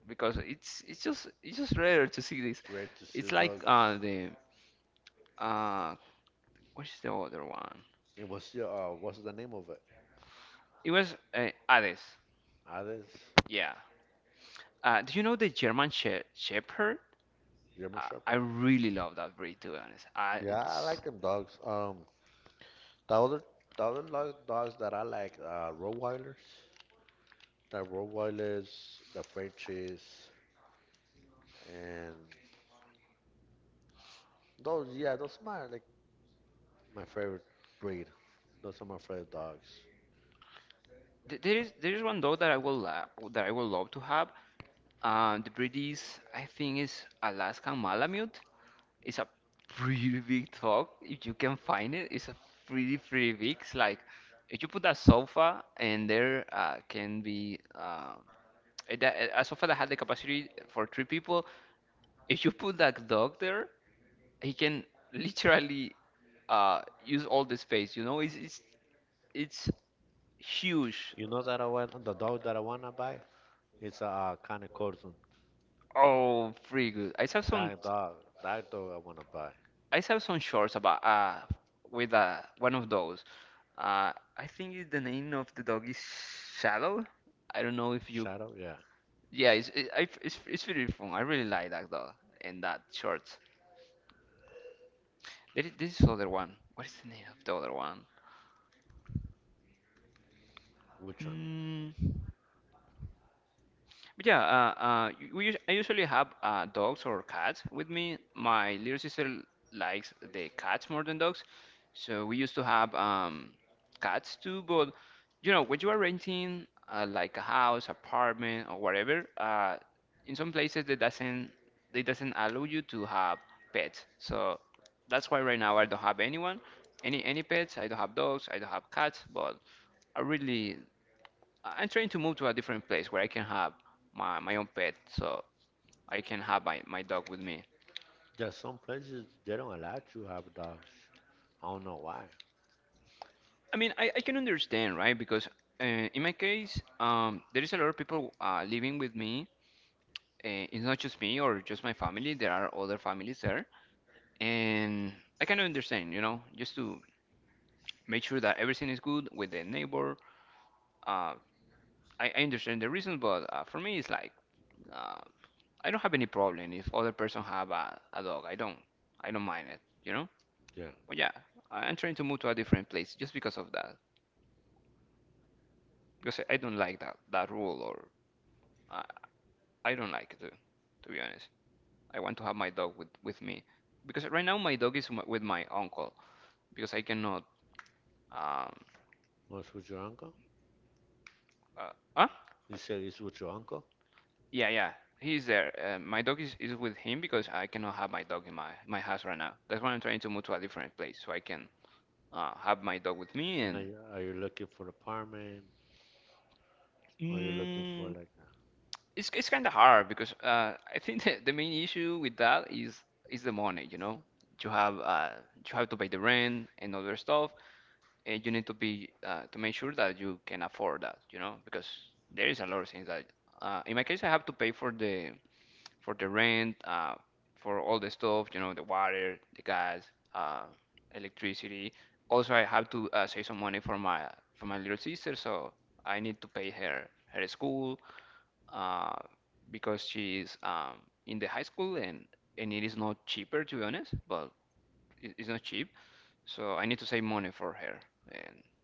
[SPEAKER 2] because it's just rare to see this.
[SPEAKER 1] it's rare to see
[SPEAKER 2] It's like
[SPEAKER 1] dogs.
[SPEAKER 2] the uh, what is the other one?
[SPEAKER 1] And what's the name of it?
[SPEAKER 2] It was Hades.
[SPEAKER 1] Ades,
[SPEAKER 2] Yeah. Do you know the German Shepherd?
[SPEAKER 1] German
[SPEAKER 2] I
[SPEAKER 1] Shepherd.
[SPEAKER 2] really love that breed, to be honest. I,
[SPEAKER 1] Yeah, I
[SPEAKER 2] it's
[SPEAKER 1] like them dogs. The other the other dogs that I like, Rottweilers, the Frenchies, and those. Yeah, those are my favorite breed. Those are my favorite dogs. You know that I want the dog that I wanna buy. It's a kind of Corson. That dog, that dog I wanna buy. Shadow, yeah. Which There's some places they don't allow you to have dogs. I don't know why. Yeah. What's with your uncle? You said it's with your uncle? And are you looking for an apartment? Or you looking for like a,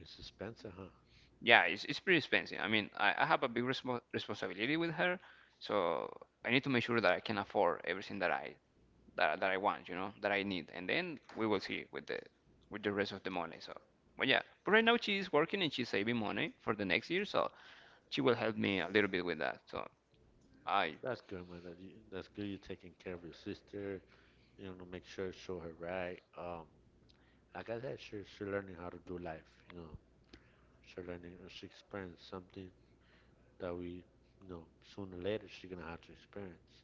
[SPEAKER 1] it's expensive, huh? That's good, man. That's good you're taking care of your sister. You know, make sure show her right. Like I said, she learning how to do life, you know. She experienced something that we, you know, sooner or later she gonna have to experience.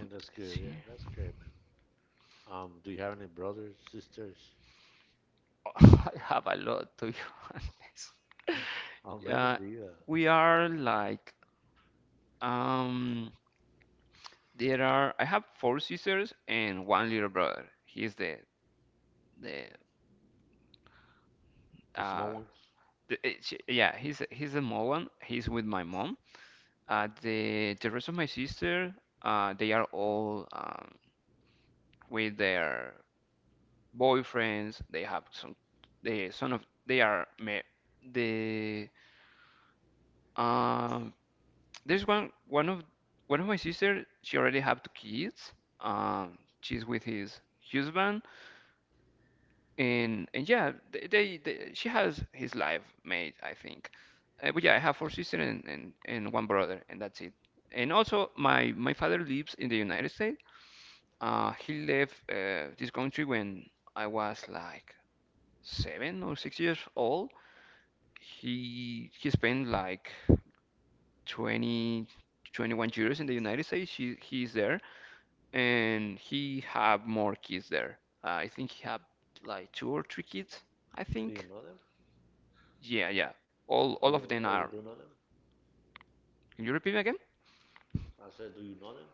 [SPEAKER 1] And that's good. Yeah, that's great, man. Do you have any brothers, sisters? How many do you have? The small ones? Do you know them? Or you, oh, you do know them? I said, do you know them?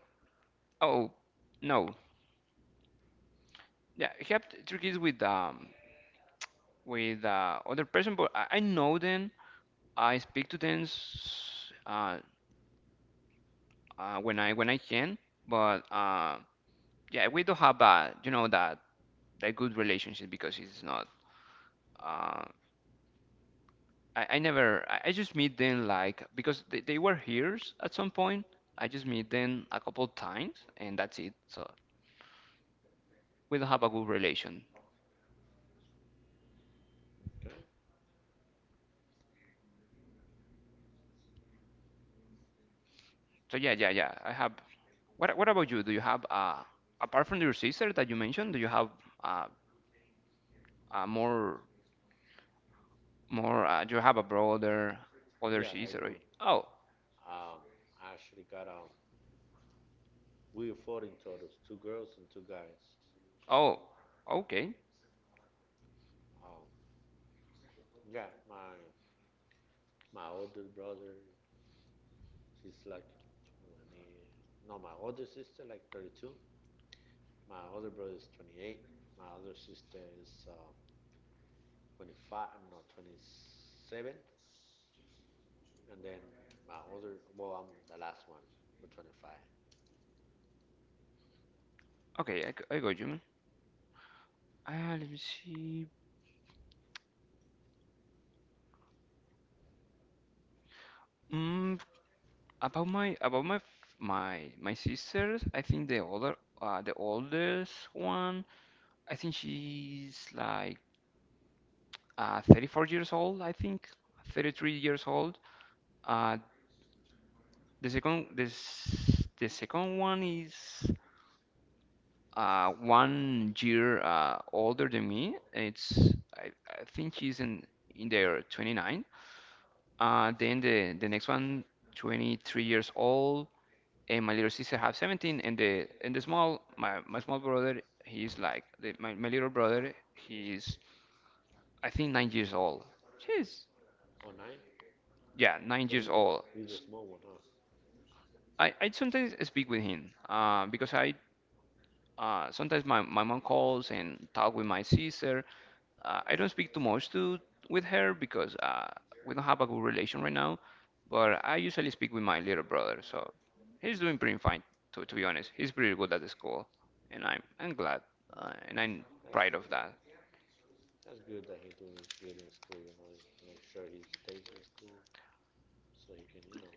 [SPEAKER 1] Okay. Yeah, I do. Um, I actually got, we were 14 totals, two girls and two guys. Um, yeah, my older brother, he's like 20, no, my older sister, like 32. My older brother is 28. My other sister is um, 25, no, 27. And then my other, well, I'm the last one with 25 or nine. So he's the small one, huh? That's good, man. That's good that he's doing good in school. You know, just make sure he stays in school so he can, you know,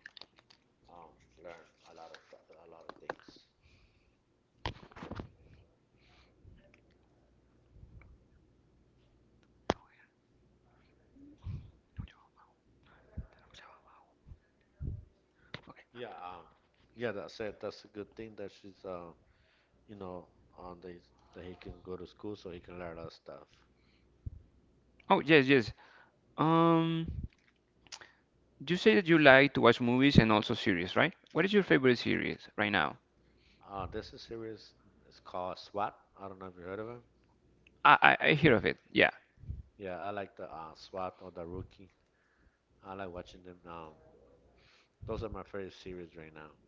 [SPEAKER 1] um, learn a lot of a lot of things. Yeah, yeah. That's a good thing that you know, on the that he can go to school so he can learn a lot of stuff. This is series is called SWAT. I don't know if you heard of him. Yeah, I like the SWAT or the Rookie. I like watching them. Now, those are my favorite series right now.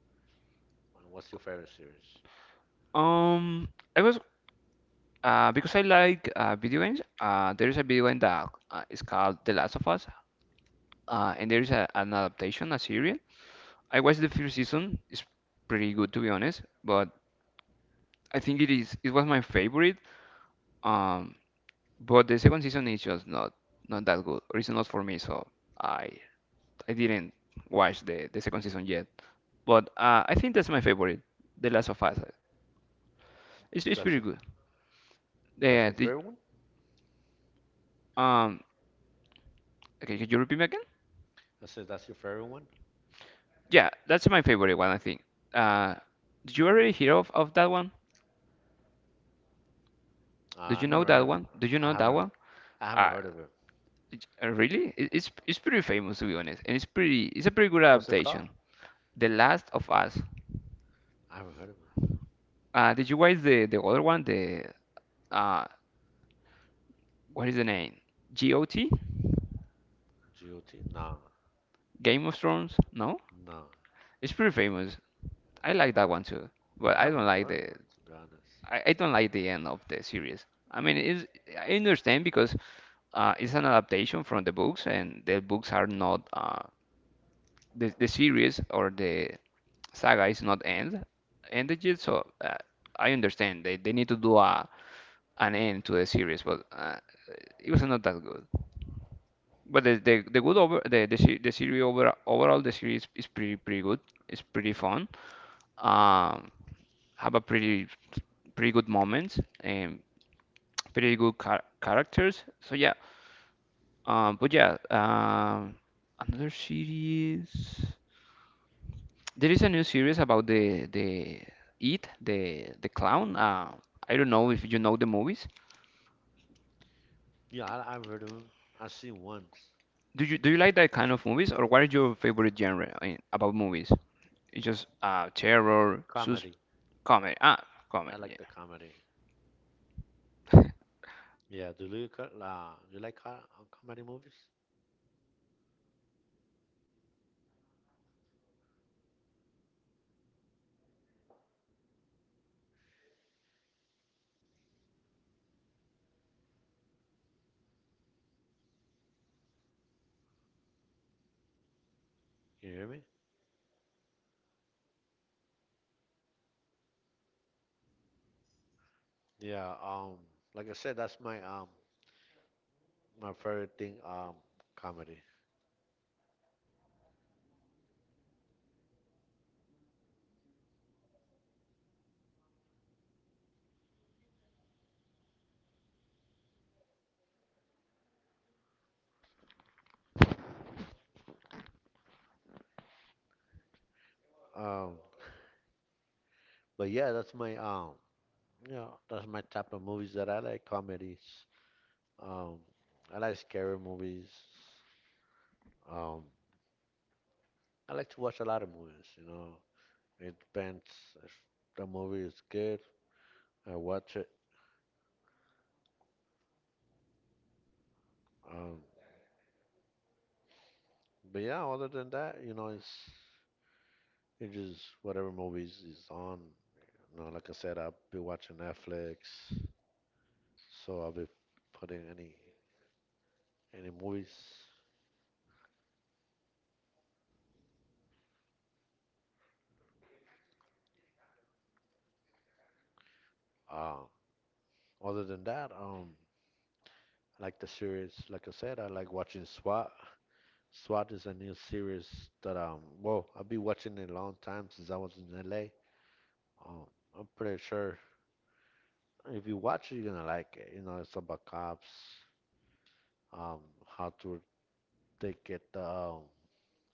[SPEAKER 1] And what's your favorite series? That's your that's your favorite one? I said that's your favorite one. I never heard. Of, I haven't. I haven't heard of it. Huh? I haven't heard of him. GOT? No, no. I haven't heard of him to be honest. Yeah, I've heard of him. I've seen once. Comedy. I like the comedy. Yeah. You like comedy movies? You hear me? Yeah. Like I said, that's my my favorite thing. Comedy. Um, but yeah, that's my you know, that's my type of movies that I like. Comedies. Um, I like scary movies. Um, I like to watch a lot of movies. You know, it depends if the movie is good, I watch it. Um, but yeah, other than that, you know, it's just whatever movies is on. You know, like I said, I'll be watching Netflix, so I'll be putting any movies. Uh, Other than that. I like the series. Like I said, I like watching SWAT. SWAT is a new series that well I've been watching it a long time since I was in LA. Um, I'm pretty sure if you watch it, you're gonna like it. You know, it's about cops, um, how to they get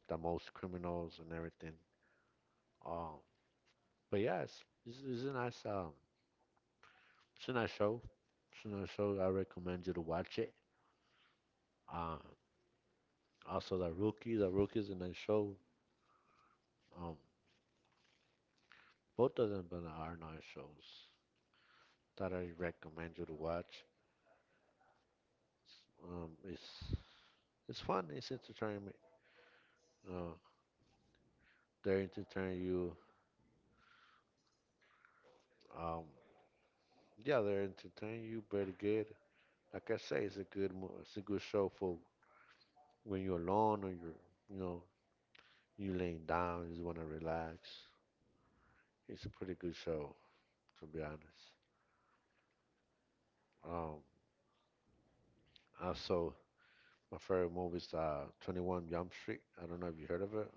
[SPEAKER 1] the most criminals and everything. Um, but yeah, it's a nice show. It's a nice show. I recommend you to watch it. Um, Also the rookie, the rookies in the show. Um, Both of them are nice shows that I recommend you to watch. It's it's fun. It's entertainment. Uh, they entertain you. Um, yeah, they entertain you pretty good. Like I say, it's a it's a good show for when you're alone or you're you know you laying down, you just want to relax. It's a pretty good show to be honest. Um, Also, my favorite movie is 21 Jump Street. I don't know if you heard of it,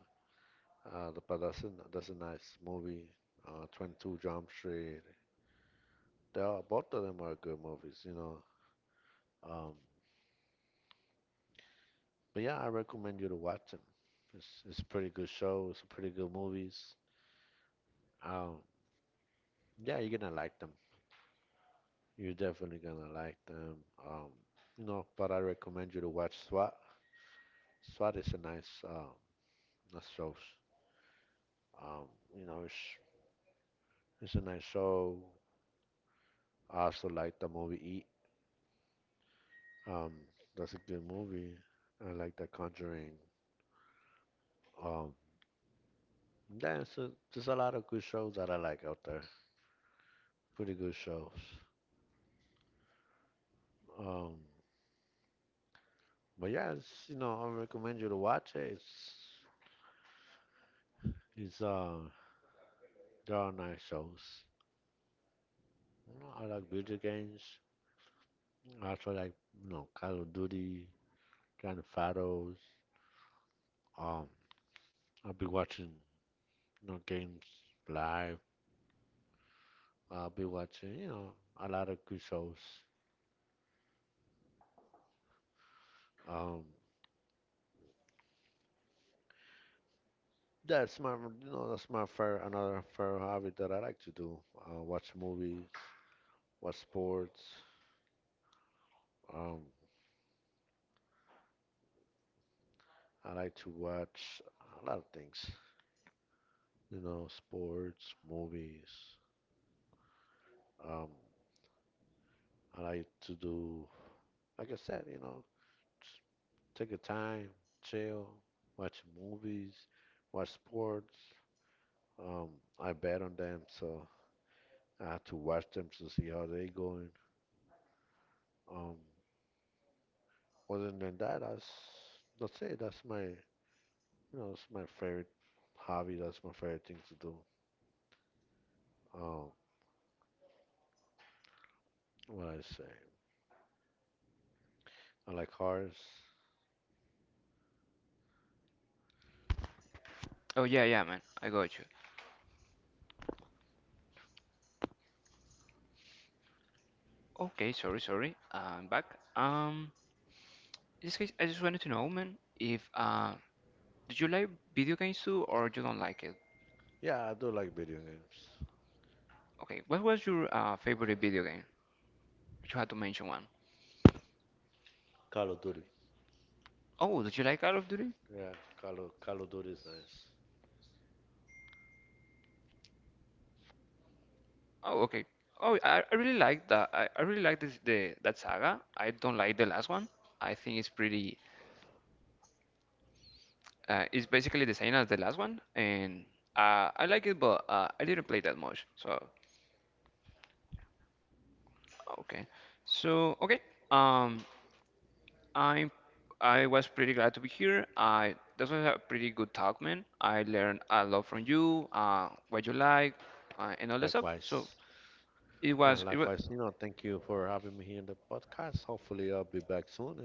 [SPEAKER 1] but that's a nice movie. 22 Jump Street. They are, both of them are good movies, you know. Um, but yeah, I recommend you to watch them. It's a pretty good show. It's a pretty good movies. Um, yeah, you're gonna like them. You're definitely gonna like them. Um, you know, but I recommend you to watch SWAT. SWAT is a nice, nice show. Um, you know, it's a nice show. I also like the movie Eat. Um, that's a good movie. I like The Conjuring. Um, yeah, it's a, there's a lot of good shows that I like out there. Pretty good shows. Um, but yeah, it's, you know, I recommend you to watch it. It's there are nice shows. You know, I like video games. I also like you know Call of Duty, Grand Fatos. Um, I'll be watching you know games live. I'll be watching you know a lot of good shows. Um, that's my you know that's my fair another fair hobby that I like to do. Watch movies, watch sports. Um, I like to watch a lot of things, you know, sports, movies. Um, I like to do, like I said, you know, just take a time, chill, watch movies, watch sports. Um, I bet on them, so I have to watch them to see how they going. Um, Other than that, that's it. That's my, you know, that's my favorite hobby. That's my favorite thing to do. Um, what I say, I like cars.
[SPEAKER 3] Oh, yeah, yeah, man. I got you. Okay, sorry, sorry. I'm back. Um, in this case, I just wanted to know, man, if did you like video games too, or you don't like it?
[SPEAKER 1] Yeah, I do like video games.
[SPEAKER 3] Okay, what was your favorite video game? If you had to mention one.
[SPEAKER 1] Call of Duty.
[SPEAKER 3] Oh, did you like Call of Duty?
[SPEAKER 1] Yeah, Call of Duty is nice.
[SPEAKER 3] Oh, okay. Oh, I really like that. I really like this the that saga. I don't like the last one. I think it's pretty. It's basically the same as the last one, and I like it, but I didn't play that much. So okay. So, okay. Um, I'm I was pretty glad to be here. I this was a pretty good talk, man. I learned a lot from you, what you like, and all that stuff.
[SPEAKER 1] Likewise.
[SPEAKER 3] So
[SPEAKER 1] Yeah,
[SPEAKER 3] it was it
[SPEAKER 1] likewise.
[SPEAKER 3] was
[SPEAKER 1] You know, thank you for having me here in the podcast. Hopefully, I'll be back soon, and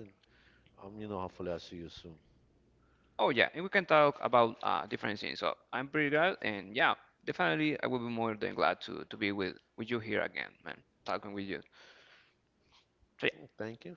[SPEAKER 1] you know, hopefully, I'll see you soon.
[SPEAKER 3] oh yeah, and we can talk about different things. So I'm pretty glad, and yeah, definitely I will be more than glad to be with you here again, man, talking with you. So
[SPEAKER 1] Thank you.